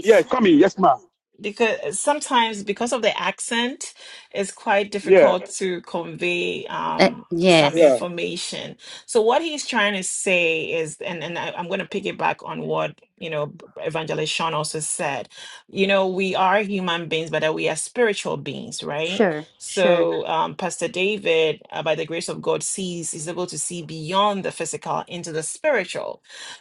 Yeah, come in. Yes, ma'am. because sometimes because of the accent it's quite Yeah, difficult to convey Uh, um some yes. yeah. information so what he's trying to say is and and I, i'm going to piggyback on what you know B- evangelist sean also said you know we are human beings but that we are spiritual beings right Sure. Sure. so um, pastor david uh, by the grace of god sees is able to see beyond the physical into the spiritual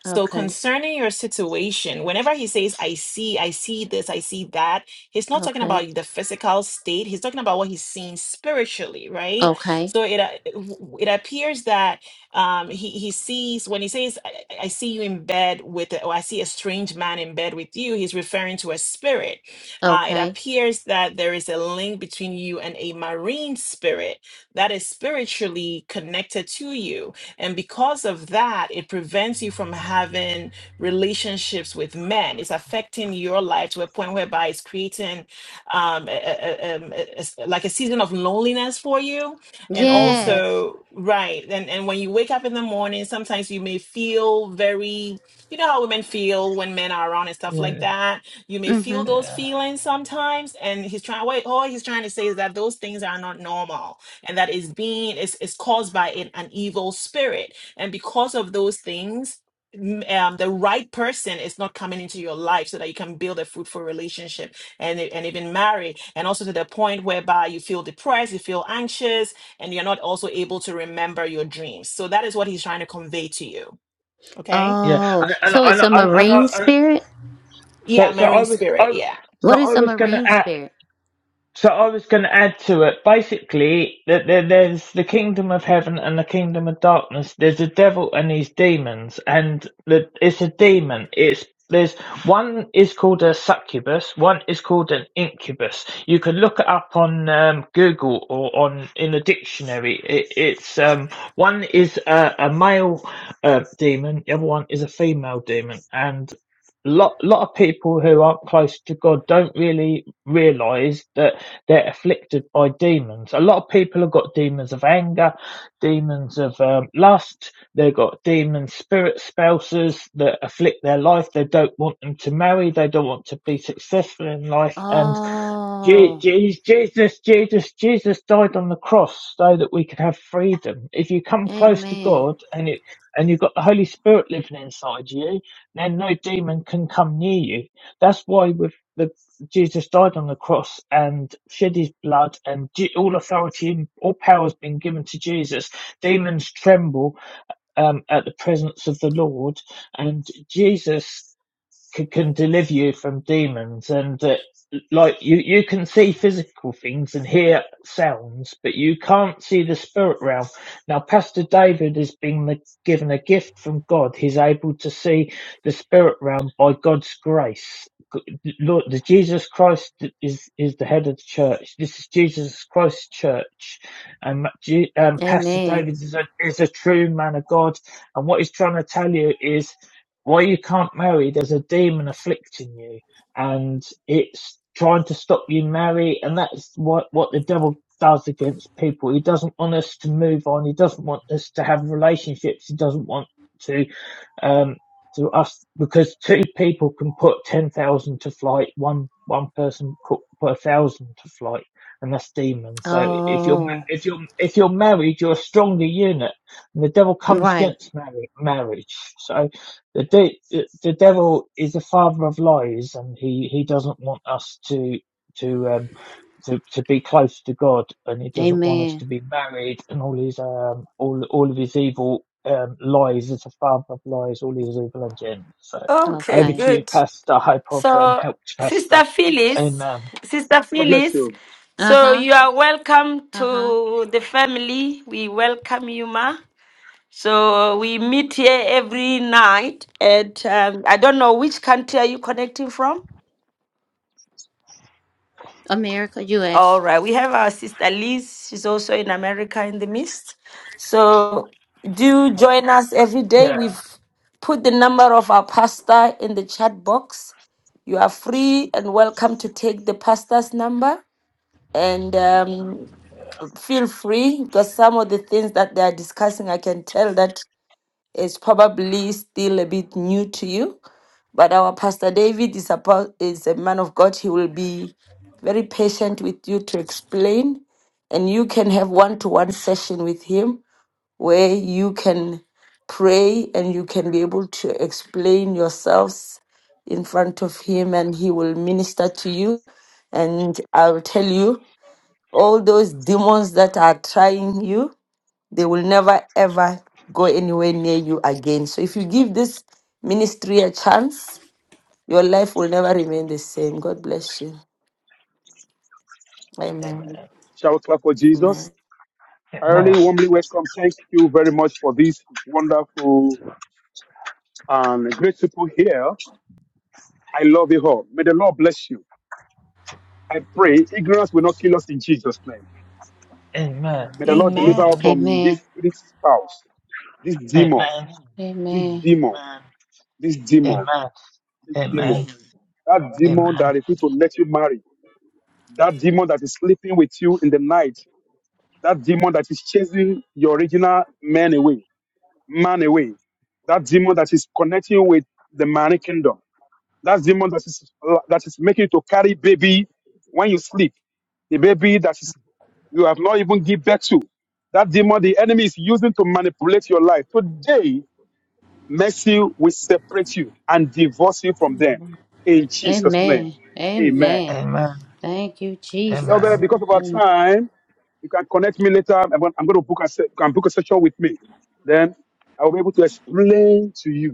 so Okay. concerning your situation, whenever he says, I see, I see this, I see that, he's not talking Okay. about the physical state. He's talking about what he's seeing spiritually, right? Okay. So it, a- it w- it appears that um, he, he sees, when he says, I, I I see you in bed with, a- or I see a strange man in bed with you, he's referring to a spirit. Uh, it Okay. appears that there is a link between you and a marine spirit that is spiritually connected to you and because of that, it prevents you from having relationships with men. It's affecting your life to a point whereby it's creating um, a- a- a- um, a- a s- like a season of loneliness for you. And yeah. Yes. also, right. And, and when you wake up in the morning, sometimes you may feel very, you know how women feel when men are around and stuff like that. You may Mm-hmm. feel those Yeah, feelings sometimes. And he's trying, wait, all he's trying to say is that those things are not normal and that is being is, is caused by an, an evil spirit and because of those things m- um, the right person is not coming into your life so that you can build a fruitful relationship and e- and even marry and also to the point whereby you feel depressed you feel anxious and you're not also able to remember your dreams so that is what he's trying to convey to you okay yeah. Oh, and and so it's a and and, marine and, spirit? yeah So, so I marine was, spirit I, yeah. so What is I a was going marine to spirit? so I was going to add to it, basically, that there, there's the kingdom of heaven and the kingdom of darkness. There's a devil and his demons, and the, it's a demon. It's there's one is called a succubus, one is called an incubus. You can look it up on um, Google or on in a dictionary. It, it's um, one is a, a male uh, demon, the other one is a female demon, and lot lot of people who aren't close to God don't really realize that they're afflicted by demons. A lot of people have got demons of anger, demons of um, lust. They've got demon spirit spouses that afflict their life. They don't want them to marry. They don't want to be successful in life. And Je- Oh, Je- Jesus, Jesus, Jesus died on the cross so that we could have freedom. If you come close to amen. God and you and you've got the Holy Spirit living inside you, then no demon can come near you. That's why with the Jesus died on the cross and shed his blood, and Je- all authority and all power has been given to Jesus. Demons tremble um, at the presence of the Lord, and Jesus c- can deliver you from demons and uh, like you you can see physical things and hear sounds but you can't see the spirit realm now pastor david has been given a gift from god he's able to see the spirit realm by god's grace Lord, the Jesus Christ is is the head of the church. This is Jesus Christ's church, and um, Pastor Amen. David is a is a true man of God. And what he's trying to tell you is why you can't marry. There's a demon afflicting you, and it's trying to stop you marry. And that's what what the devil does against people. He doesn't want us to move on. He doesn't want us to have relationships. He doesn't want to um to us because two people can put ten thousand to flight. One one person could put a thousand to flight. And that's demon. So if you're Oh, if you're if you're married, you're a stronger unit, and the devil comes right. against marriage. So the, de- the devil is the father of lies, and he, he doesn't want us to to um to, to be close to God, and he doesn't want us to Amen. be married, and all his um all all of his evil um lies is the father of lies, all his evil agenda. So Okay, over Okay. to you, good. Pastor. I hope I've um, So, helped, Pastor. Sister Phyllis, Amen. Sister God bless Phyllis, you. so Uh-huh. you are welcome Uh-huh. to the family. We welcome you, ma. So we meet here every night at um, I don't know which country are you connecting from? America, U.S. All right. We have our sister Liz. She's also in America in the midst. So do join us every day. Yeah. We've put the number of our pastor in the chat box. You are free and welcome to take the pastor's number. And um, feel free because some of the things that they are discussing, I can tell that it's probably still a bit new to you, but our Pastor David is a, pa- is a man of God. He will be very patient with you to explain, and you can have one to one session with him where you can pray and you can be able to explain yourselves in front of him, and he will minister to you. And I'll tell you all those demons that are trying you. They will never ever go anywhere near you again. So if you give this ministry a chance, your life will never remain the same. God bless you. Amen. Amen. Shall we clap for Amen. Jesus? I Amen. really warmly welcome. Thank you very much for this wonderful and great people here. I love you all. May the Lord bless you. I pray ignorance will not kill us in Jesus' name. Amen. May the Lord deliver Amen. us Amen. from Amen. this this spouse, this Amen. demon, Amen. this Amen. demon, this demon, Amen. this demon. Amen. That demon Amen. that refuses to let you marry. That demon that is sleeping with you in the night. That demon that is chasing your original man away man away. That demon that is connecting with the man kingdom. That demon that is that is making you to carry baby when you sleep. The baby that is you have not even give birth to. That demon the enemy is using to manipulate your life. Today, mercy will separate you and divorce you from them. In Jesus' name. Amen. Amen. Amen. Amen. Amen. Thank you, Beloved, Jesus. Amen. because of our Oh, time, you can connect me later. I'm going, to book a, se- you can book a session with me. Then I will be able to explain to you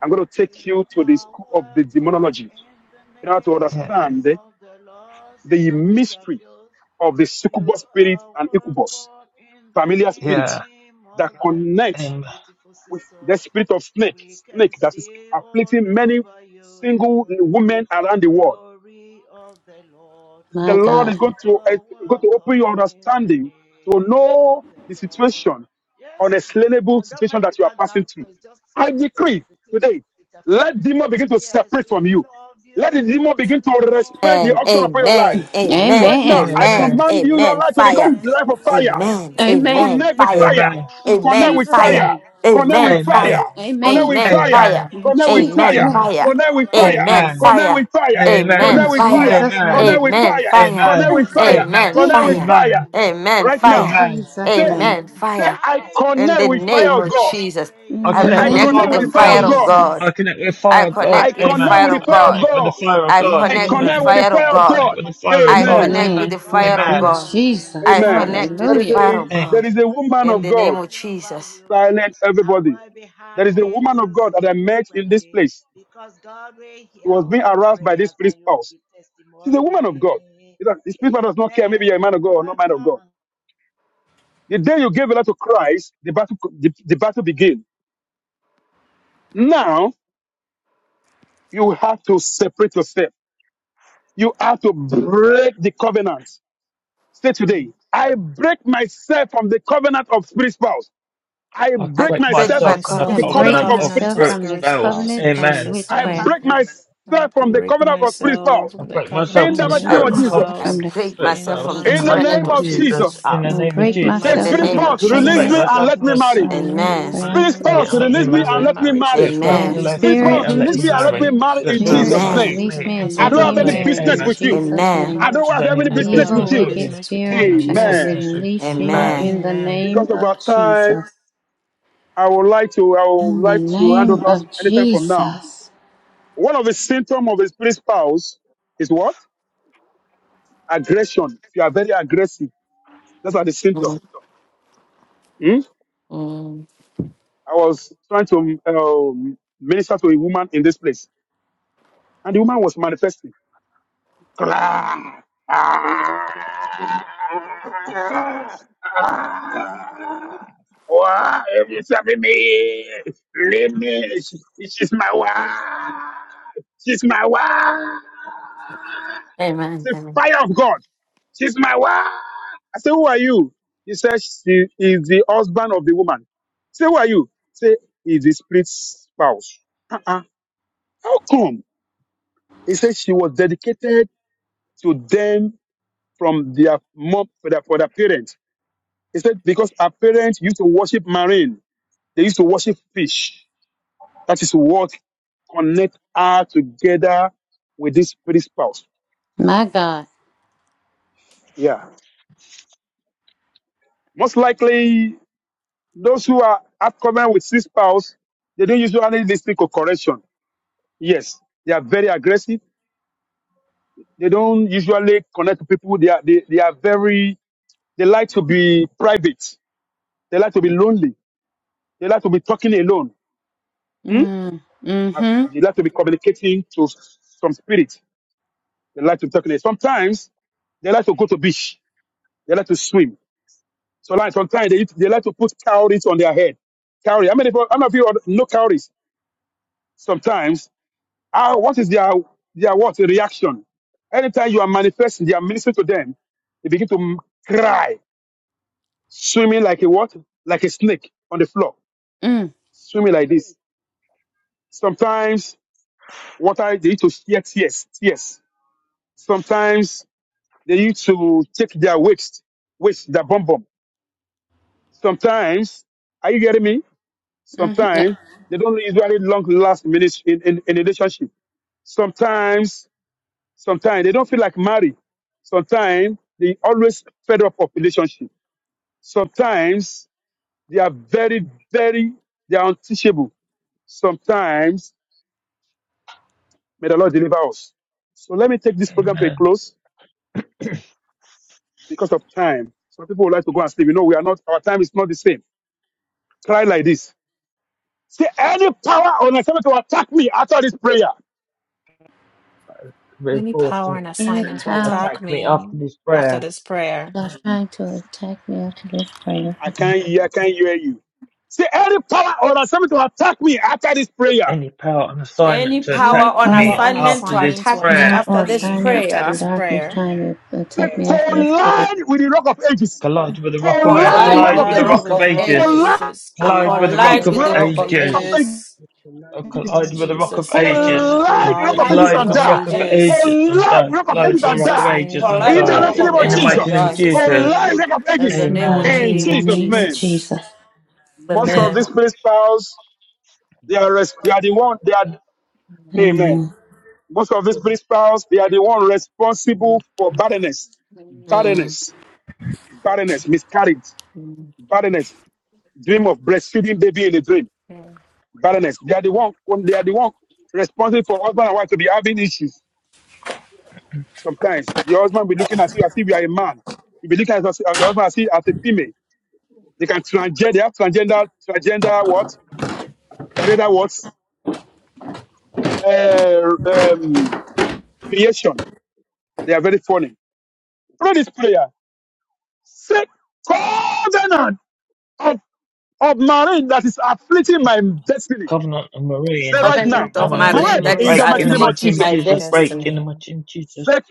I'm going to You take you to the are school of the welcome demonology in the in order to Yeah. understand name the, of the Lord, the Sister Lisa mystery Fields. of the You succubus spirit are and incubus, welcome in the familiar spirits yeah. name that of the Lord, connect our Amen. beautiful with the sisters. spirit of snake, We can snake that is see all afflicting many over single you women around the the world glory of the Lord. the my God. Lord is You going to eh, are going to open your welcome in the understanding to name of know the the Lord. situation, Yes, unexplainable don't situation mind the that you are passing background, so through. it's just I all the, decree the today, interfering. let demon begin to Yes, separate from we you. love Let you the with demon the begin to respect the Amen. auction love of of your the Lord. life. Amen. Amen. Right now, Amen. I Amen. Amen. command you, your Amen. life to Fire. become Yes, life of we fire. Lord. love Amen. you with Amen. Amen. Connect the with Fire. fire. Amen. In love Connect Amen. of with Jesus' the Fire. fire. Amen. name. Connect Amen. with Amen. Amen. fire. Fire. Lord. Connect Amen. with Amen. fire. We Fire. Amen. In can Connect with Jesus' see Amen. fire. name. all Fire. Connect with Amen. over fire. Amen. you Amen. Connect Fire. with Amen. fire. the Amen. Fire. Amen. In Connect with Fire. fire. glory Jesus' of name. Connect Amen. the with Amen. Lord. fire. Fire. Connect Amen. with Yes, fire. we Amen. love Connect Jesus. with you fire. Amen. with the Right In now. Fire. love Amen. of Jesus' the Say, name. Lord. Amen. say, Fire. Our I daily In connect the with fire name prayer, of of God. our Jesus, I In I the Say, prayers connect I Amen. with are Amen. connect Amen. name connect with fire with the the of Amen. of fire every of God. fire of God. evening, I God. Jesus. connect with 8 fire I of o'clock God. I connect with the Amen. Amen. connect fire with the of Nigerian I fire of God. connect with the time. God. fire of I God. I Their connect with connect Amen. Thank prayer with Amen. you. the fire of fire I of God. meeting connect God. with the is fire 8 of I God. Amen. connect o'clock with Amen. Amen. the Thank fire of London you, Amen. God. time Jesus. I for Amen. connect with the There now. is Hallelujah. fire a of Eh, there We God. is a can woman In of see the name God. all of over Jesus, you Silence I everybody. will be There is a happy woman of to God see that I you met in this frequently place. because God will She hear was being all harassed by this prayers spirit and you spouse. give She's a woman of God. testimony. You know, the spirit does not care. Maybe you're a man Amen. of God or not man of Welcome. God. and The day you gave a lot to Christ, the battle, the, the battle begins. Now you have to separate yourself. You have to break the covenant. Say today, I break myself from the covenant of spirit spouse. I I I break break break myself my myself from the with I the break covenant covenant covenant. of of spirit myself spouse. spirit from the spells. covenant of Amen. I witchcraft. break myself from the covenant of spirit spouse. I break In myself I from the the mighty name break I spirit of of come, Jesus. covenant, myself I from the break spirit myself from fails. the In In the the mighty name covenant name of of of Satan's Jesus, Jesus. in the house. I name of In break the Say, In myself mighty the Jesus, Spirit from name the name of of spouse, I release Jesus, break covenant I me Jesus. and break myself let from me this, marry. of myself. Amen. Release Spirit me, release witchcraft. me spouse, and release let me, me release me release and my marry. let me marriage. Spirit marry. Me fail, That Amen. release my release Spirit me spirit spouse, marriage and in let release me me and Jesus' let marry. me name. marry Spirit in fail, Spirit Spirit, Jesus' spouse, name. release Amen. release release me my me in and I let don't husband, Jesus' have me any release name. me, marry business in Amen. release with me, you. Jesus' release my Amen. name. I don't marriage. I have don't have any I any don't business have Evil, with business any you. with wicked you. business with I you don't spirit, in have any I Jesus' Amen. business with name. you. release you Amen. Amen. in the Amen. name Because of of our time, Jesus. I would like to I would In the like to hand name over of anytime from now. Jesus. One of the symptoms of a spirit spouse is what? Aggression. If you are very aggressive, that's are the symptom. Mm, Hmm? mm. I was trying to um, minister to a woman in this place, and the woman was manifesting. Yes, She's my wife. She's my wife. It's Amen. the Amen. fire of God. She's my wife. I say, Who are you? He says, She is the husband of the woman. Say, Who are you? Say, is the split spouse. Uh-uh. How come? He said, She was dedicated to them from their mom, for their, for their parents. He said, Because her parents used to worship marine, they used to worship fish. That is what connect her together with this spirit spouse. My God. Yeah. Most likely, those who are upcoming with this spouse, they don't usually listen to correction. Yes, they are very aggressive. They don't usually connect to people. They are, they, they are very, they like to be private. They like to be lonely. They like to be talking alone. Hmm? Mm, mm-hmm. As- They like to be communicating to some spirit. They like to be talking. alone. Sometimes they like to go to beach. They like to swim So like sometimes they, they like to put cowries on their head. Cowrie. How many people, how many of you are- know cowries? Sometimes, ah, what is their their what reaction? Anytime you are manifesting, they are ministering to them. They begin to m- cry, swimming like a what? Like a snake on the floor, Mm, swimming like this. Sometimes water they need to shed tears, tears. Sometimes they need to take their waist, waist, their bum bum. Sometimes, are you getting me? mm-hmm. Sometimes they don't usually long last minute in, in, in a relationship. Sometimes, sometimes they don't feel like married. Sometimes they always fed up of relationship. Sometimes they are very, very, they are unteachable. Sometimes may the Lord deliver us. So let me take this program to a Amen. close because of time. Some people would like to go and sleep. You know, we are not, our time is not the same. Cry like this. Say any power on assignment to attack me after this prayer. Any Reinforce power and and Any assignment to power attack attack me me after this after prayer. this prayer? that's trying to attack me after this prayer. I can't hear, I can't hear you. Say any power or assignment to attack me after this prayer. Any power and assignment Any to attack Any power on Any power me on assignment after to this assignment to attack me prayer power attack after or this me assignment after in prayer this darkness prayer? trying to attack Say me after this prayer. collide with the rock of ages. Collide with the rock of a- Collide with collide the collide rock with of with the the Collide rock ages. rock with of of the rock of ages. Collide ages, ages. Collide with Collide the with the rock collide with the of with the rock rock rock of of of ages, ages. ages. ages. Oh, In collide with the rock of Collide Jesus' with name, ages. In- the collide rock with of the collide ages with the Collide rock and with rock the of die. of rock of ages, ages. ages and Collide with the die. rock of In Collide ages with the and rock of Jesus' die. ages name, and collide In with the the die. rock collide mighty name of and of In the ages die. and mighty In Jesus. name of die. Jesus' Collide with name, the Jesus. rock of In the ages. the name of Amen. Lie mighty In in name the Jesus, of Jesus' name of name. Jesus. Jesus. Most of these amen. principals, they are, res- they are the one, they are, amen. Amen. Most of these principals, they are the one responsible for barrenness, Mm. barrenness, barrenness, miscarriage, Mm. barrenness, dream of breastfeeding baby in a dream, Mm. barrenness. They are the one, they are the one responsible for husband and wife to be having issues. Sometimes your husband will be looking at you as if you are a man. You will be looking at your husband as if as a female. They can transgender, they have transgender, transgender what? Transgender what? Uh, um, creation. They are very funny. Pray this prayer. Say, covenant. of of marriage that is afflicting my destiny. Covenant of Say marine as right now, Covenant afflicting of my my Covenant of reign break destiny. that marine in is Break the mighty in the name spirits of mighty afflicting name of Jesus. my afflicting my Jesus. Break destiny. in the destiny. mighty name of Jesus. The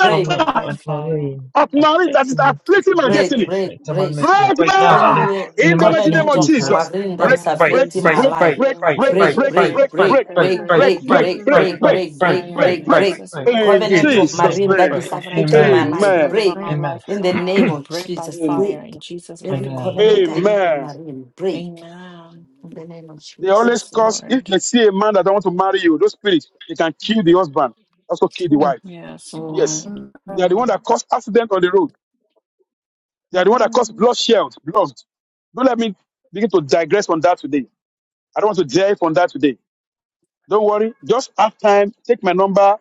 Break, Break Covenant by of fire. Marine, of marriage that is affecting my afflicting my break, destiny. break, affecting my break, Yes, mystery. Break Break Lord. now in the now Anyway, in the in the mighty mighty name name of covenant of of Jesus. In Jesus. the marine name that Break, Break, is of break, break, affecting break, my Jesus, break, in the break, life. break, name of break, break, break, Break, Jesus, break, break, break, break, break, break, break, break, break, break, break, break, break, break, break, break, break, break, break, break, break, break, break, break break, by break, break, break, break, fire break, break, break, in break. break, break. Jesus' break. mighty In Covenant name. Jesus of Jesus' name I marine that Every name. pray. is covenant of affecting my Amen. marine life. spirit Amen. over Break. my Amen. life and In my the name marriage, of break by Jesus, fire break. in Jesus' *clears throat* Every mighty Amen. name. covenant that is in Amen. marine, break. Amen. In the name of They always Jesus. Yes, cause, if Lord. they see a man that don't want to marry you, those spirits, they can kill the husband, also kill the Mm. wife. Yes, Yes. Mm. Lord. Right They are the one Mm. that cause accident on the road. They are the one that cause Mm. bloodshed, blood. Don't let me begin to digress on that today. I don't want to dive on that today. Don't worry. Just have time. Take my number.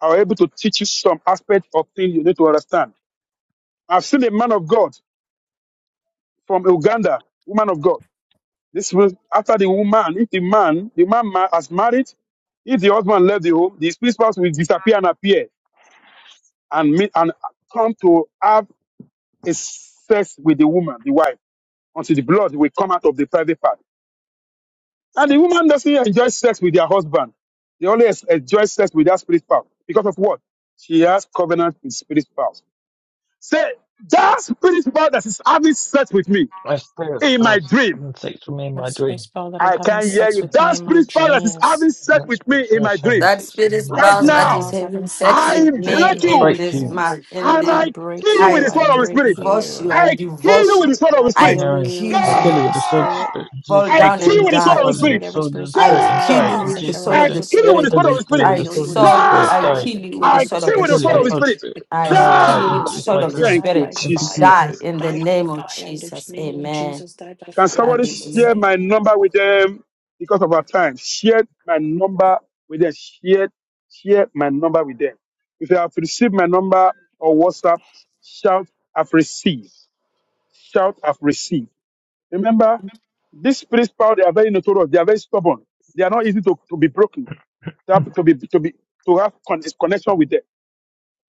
I will able to teach you some aspect of things you need to understand. I've seen a man of God from Uganda, woman of God. This was after the woman, if the man, the man ma- has married, if the husband left the home, the spirit spouse will disappear and appear and meet and come to have a sex with the woman, the wife, until the blood will come out of the private part. And the woman doesn't enjoy sex with their husband. They only es- enjoy sex with their spirit spouse. Because of what? She has covenant with spirit spouse. Say, that spirit spouse that is having sex with me My spirit in my spells the dream. seven six for me in That my spirit dream. spell that is I having can hear sex you. with me That in my spirit power that is dreams. having sex That with spirit me in my spells dream. seven That six for me in spirit my That Right dream spouse spirit right that now, is now. spouse having having sex sex with I with me me in break I my in you break this you. dreams. month, in and I I the kill break you with you. I the I sword of the break spirit. divorce you, you. I I kill you divorce with you, the sword of the I and I spirit. kill Aaron, you, kill the uh, sword kill you. you of the with the sword of the Die! spirit. spirit in fall Jesus' I I mighty down kill name. kill you you and with with the the sword sword die. of of the the Kill you with spirit, spirit. the every sword of spirit the I spirit spouse, oh and Lord, kill die you having Die! in with the Jesus' sexual sword I mighty of name. relations the with kill my you with the spirit. husband. Kill sword of you, the kill you I spirit. with the I kill you sword of with the the sword of sword, the spirit, I Die! die. spirit. kill I you with kill the you I with the sword kill of sword you I'll the of with the the Kill you sword with of the the spirit. sword spirit. of the spirit. spirit, I I kill you with the die kill you sword of in with Die! the the Jesus' sword of mighty spirit. the name. Thank Die you, spirit. by Thank you, Jesus. fire. Die Jesus. in the Die by name of fire in the Jesus. name of Amen. Jesus. Die by Can fire in somebody Hallelujah. Jesus' share my name. number with them because of our time? Share my number with them. Share, share my number with them. If you have received my number or WhatsApp, shout, I've received. Shout, I've received. Remember, these spirit power, they are very notorious. They are very stubborn. They are not easy to, to be broken, to, have, to be, to be, to have con- connection with them.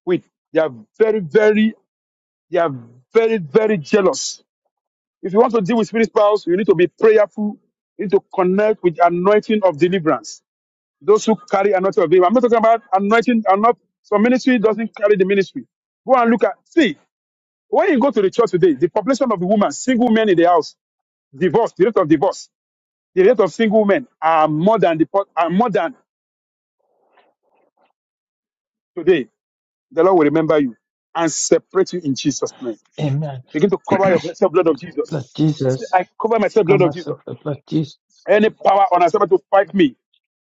With. They are very, very, they are very, very jealous. If you want to deal with spirit powers, you need to be prayerful. You need to connect with anointing of deliverance. Those who carry anointing of deliverance. I'm not talking about anointing. I'm not. So ministry doesn't carry the ministry. Go and look at. See, when you go to the church today, the population of the women, single men in the house, divorce, the rate of divorce, the rate of single men are more than the po- are more than today. The Lord will remember you and separate you in Jesus' name. Amen. Begin to *clears throat* cover your blessed blood of Jesus. Blood Say, Jesus, I cover myself blood come of Jesus. myself the blood Jesus. Any power on assignment to fight me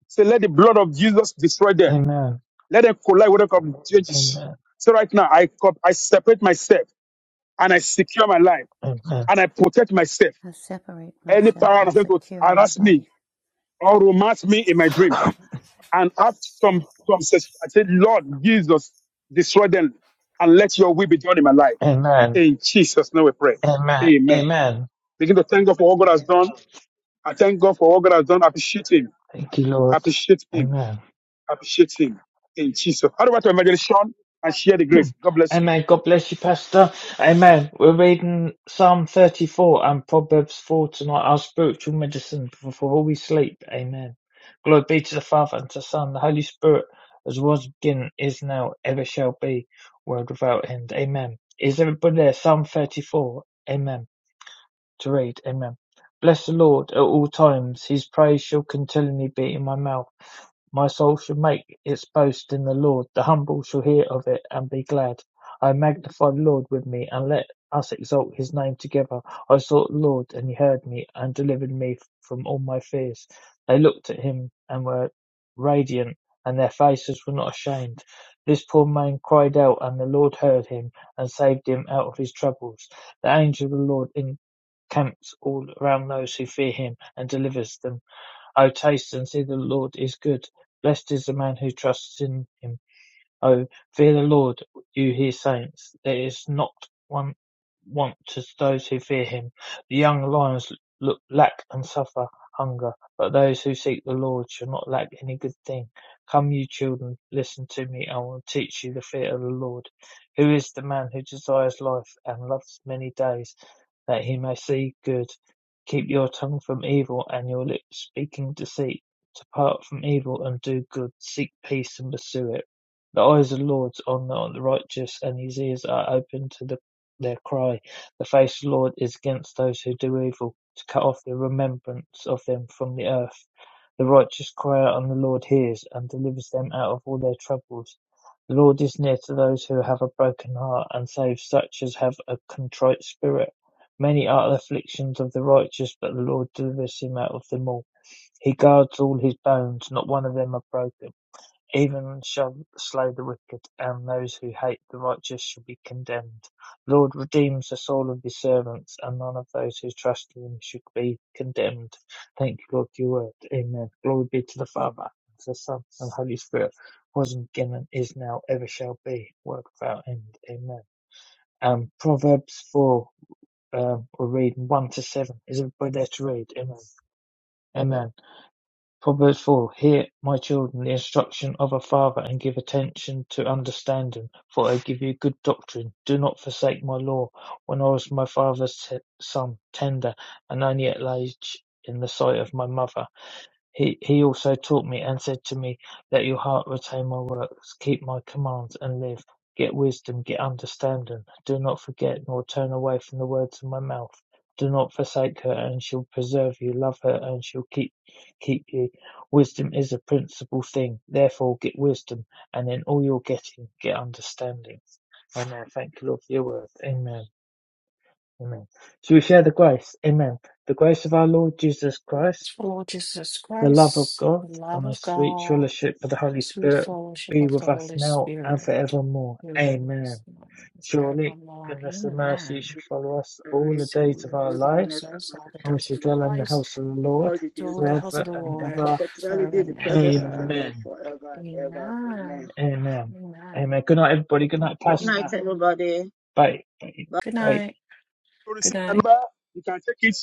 Say, let the blood of Jesus destroy them. Amen. Let them collide with the blood of Jesus. Amen. So right now, I co- I separate myself and I secure my life Amen. and I protect myself. I separate Any myself. power on I earth to secure my harass me life. or romance I me in my dream separate myself. and have some some such- I say, Lord Jesus, destroy them and let Your will be done in my life. Amen. In Jesus' name we pray. Amen. Amen. Amen. Begin to thank God for what God has done. I thank God for what God has done. I appreciate Him. Thank you, I Lord. appreciate Him. Amen. Appreciate him in Jesus. How about to Evangelist Sean and share the grace? *clears throat* God bless you. Amen. God bless you, Pastor. Amen. We're reading Psalm 34 and Proverbs 4 tonight, our spiritual medicine before we sleep. Amen. Glory be to the Father and to the Son, and the Holy Spirit, as was beginning, is now, ever shall be, world without end. Amen. Is everybody there? Psalm 34. Amen. To read. Amen. Bless the Lord at all times. His praise shall continually be in my mouth. My soul shall make its boast in the Lord. The humble shall hear of it and be glad. I magnify the Lord with me, and let us exalt his name together. I sought the Lord, and he heard me, and delivered me from all my fears. They looked at him and were radiant, and their faces were not ashamed. This poor man cried out, and the Lord heard him, and saved him out of his troubles. The angel of the Lord in Camps all around those who fear him, and delivers them. O taste and see the Lord is good; blessed is the man who trusts in him. O, fear the Lord, you his saints. There is not one want to those who fear him. The young lions look, lack and suffer hunger, but those who seek the Lord shall not lack any good thing. Come, you children, listen to me. I will teach you the fear of the Lord. Who is the man who desires life and loves many days, that he may see good? Keep your tongue from evil and your lips speaking deceit. Depart from evil and do good. Seek peace and pursue it. The eyes of the Lord are on the righteous, and his ears are open to the, their cry. The face of the Lord is against those who do evil, to cut off the remembrance of them from the earth. The righteous cry out, and the Lord hears and delivers them out of all their troubles. The Lord is near to those who have a broken heart, and saves such as have a contrite spirit. Many are the afflictions of the righteous, but the Lord delivers him out of them all. He guards all his bones, not one of them are broken. Even shall slay the wicked, and those who hate the righteous shall be condemned. Lord, redeem the soul of your servants, and none of those who trust in him should be condemned. Thank you, Lord, for your word. Amen. Glory be to the Father, and to the Son, and the Holy Spirit, was and beginning, is now, ever shall be, world without end. Amen. Um, Proverbs 4, um, we're reading 1 to 7. Is everybody there to read? Amen. Amen. Proverbs 4 Hear, my children, the instruction of a father, and give attention to understanding, for I give you good doctrine. Do not forsake my law. When I was my father's t- son, tender and only at age in the sight of my mother. He he also taught me and said to me, Let your heart retain my works, keep my commands and live. Get wisdom, get understanding. Do not forget nor turn away from the words of my mouth. Do not forsake her, and she'll preserve you. Love her, and she'll keep keep you. Wisdom is a principal thing. Therefore, get wisdom, and in all you're getting, get understanding. Amen. Thank you, Lord, for your word. Amen. Amen. Shall we share the grace? Amen. The grace of our Lord Jesus Christ Lord Jesus the love of Christ, God the love and the of sweet God, fellowship of the Holy sweet Spirit fellowship be of the with us Holy now and Spirit, forevermore. be with Amen. us now and Surely forevermore. goodness and mercy Amen. shall follow us all Only the See days of you, our God's life, follows goodness and us mercy all the and shall we days shall of dwell follow us our in the lives, house of the all Lord the dwell days in of the our house of forever the and Lord shall ever. continually forever be in the and presence of the ever. Lord Amen. forever and ever. Amen. Amen. Amen. Amen. Amen. Good night, everybody. Good night, Good night, Pastor. Amen. everybody. Bye. Good Bye. night. To receive Good the night. number, you can take it.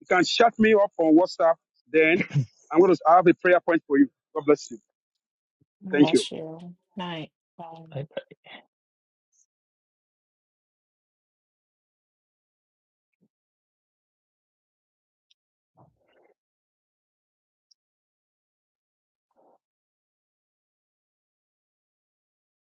You can chat me up on WhatsApp. Then I'm going to have a prayer point for you. God bless you. God Thank you. Bless you. Night. Bye. Bye.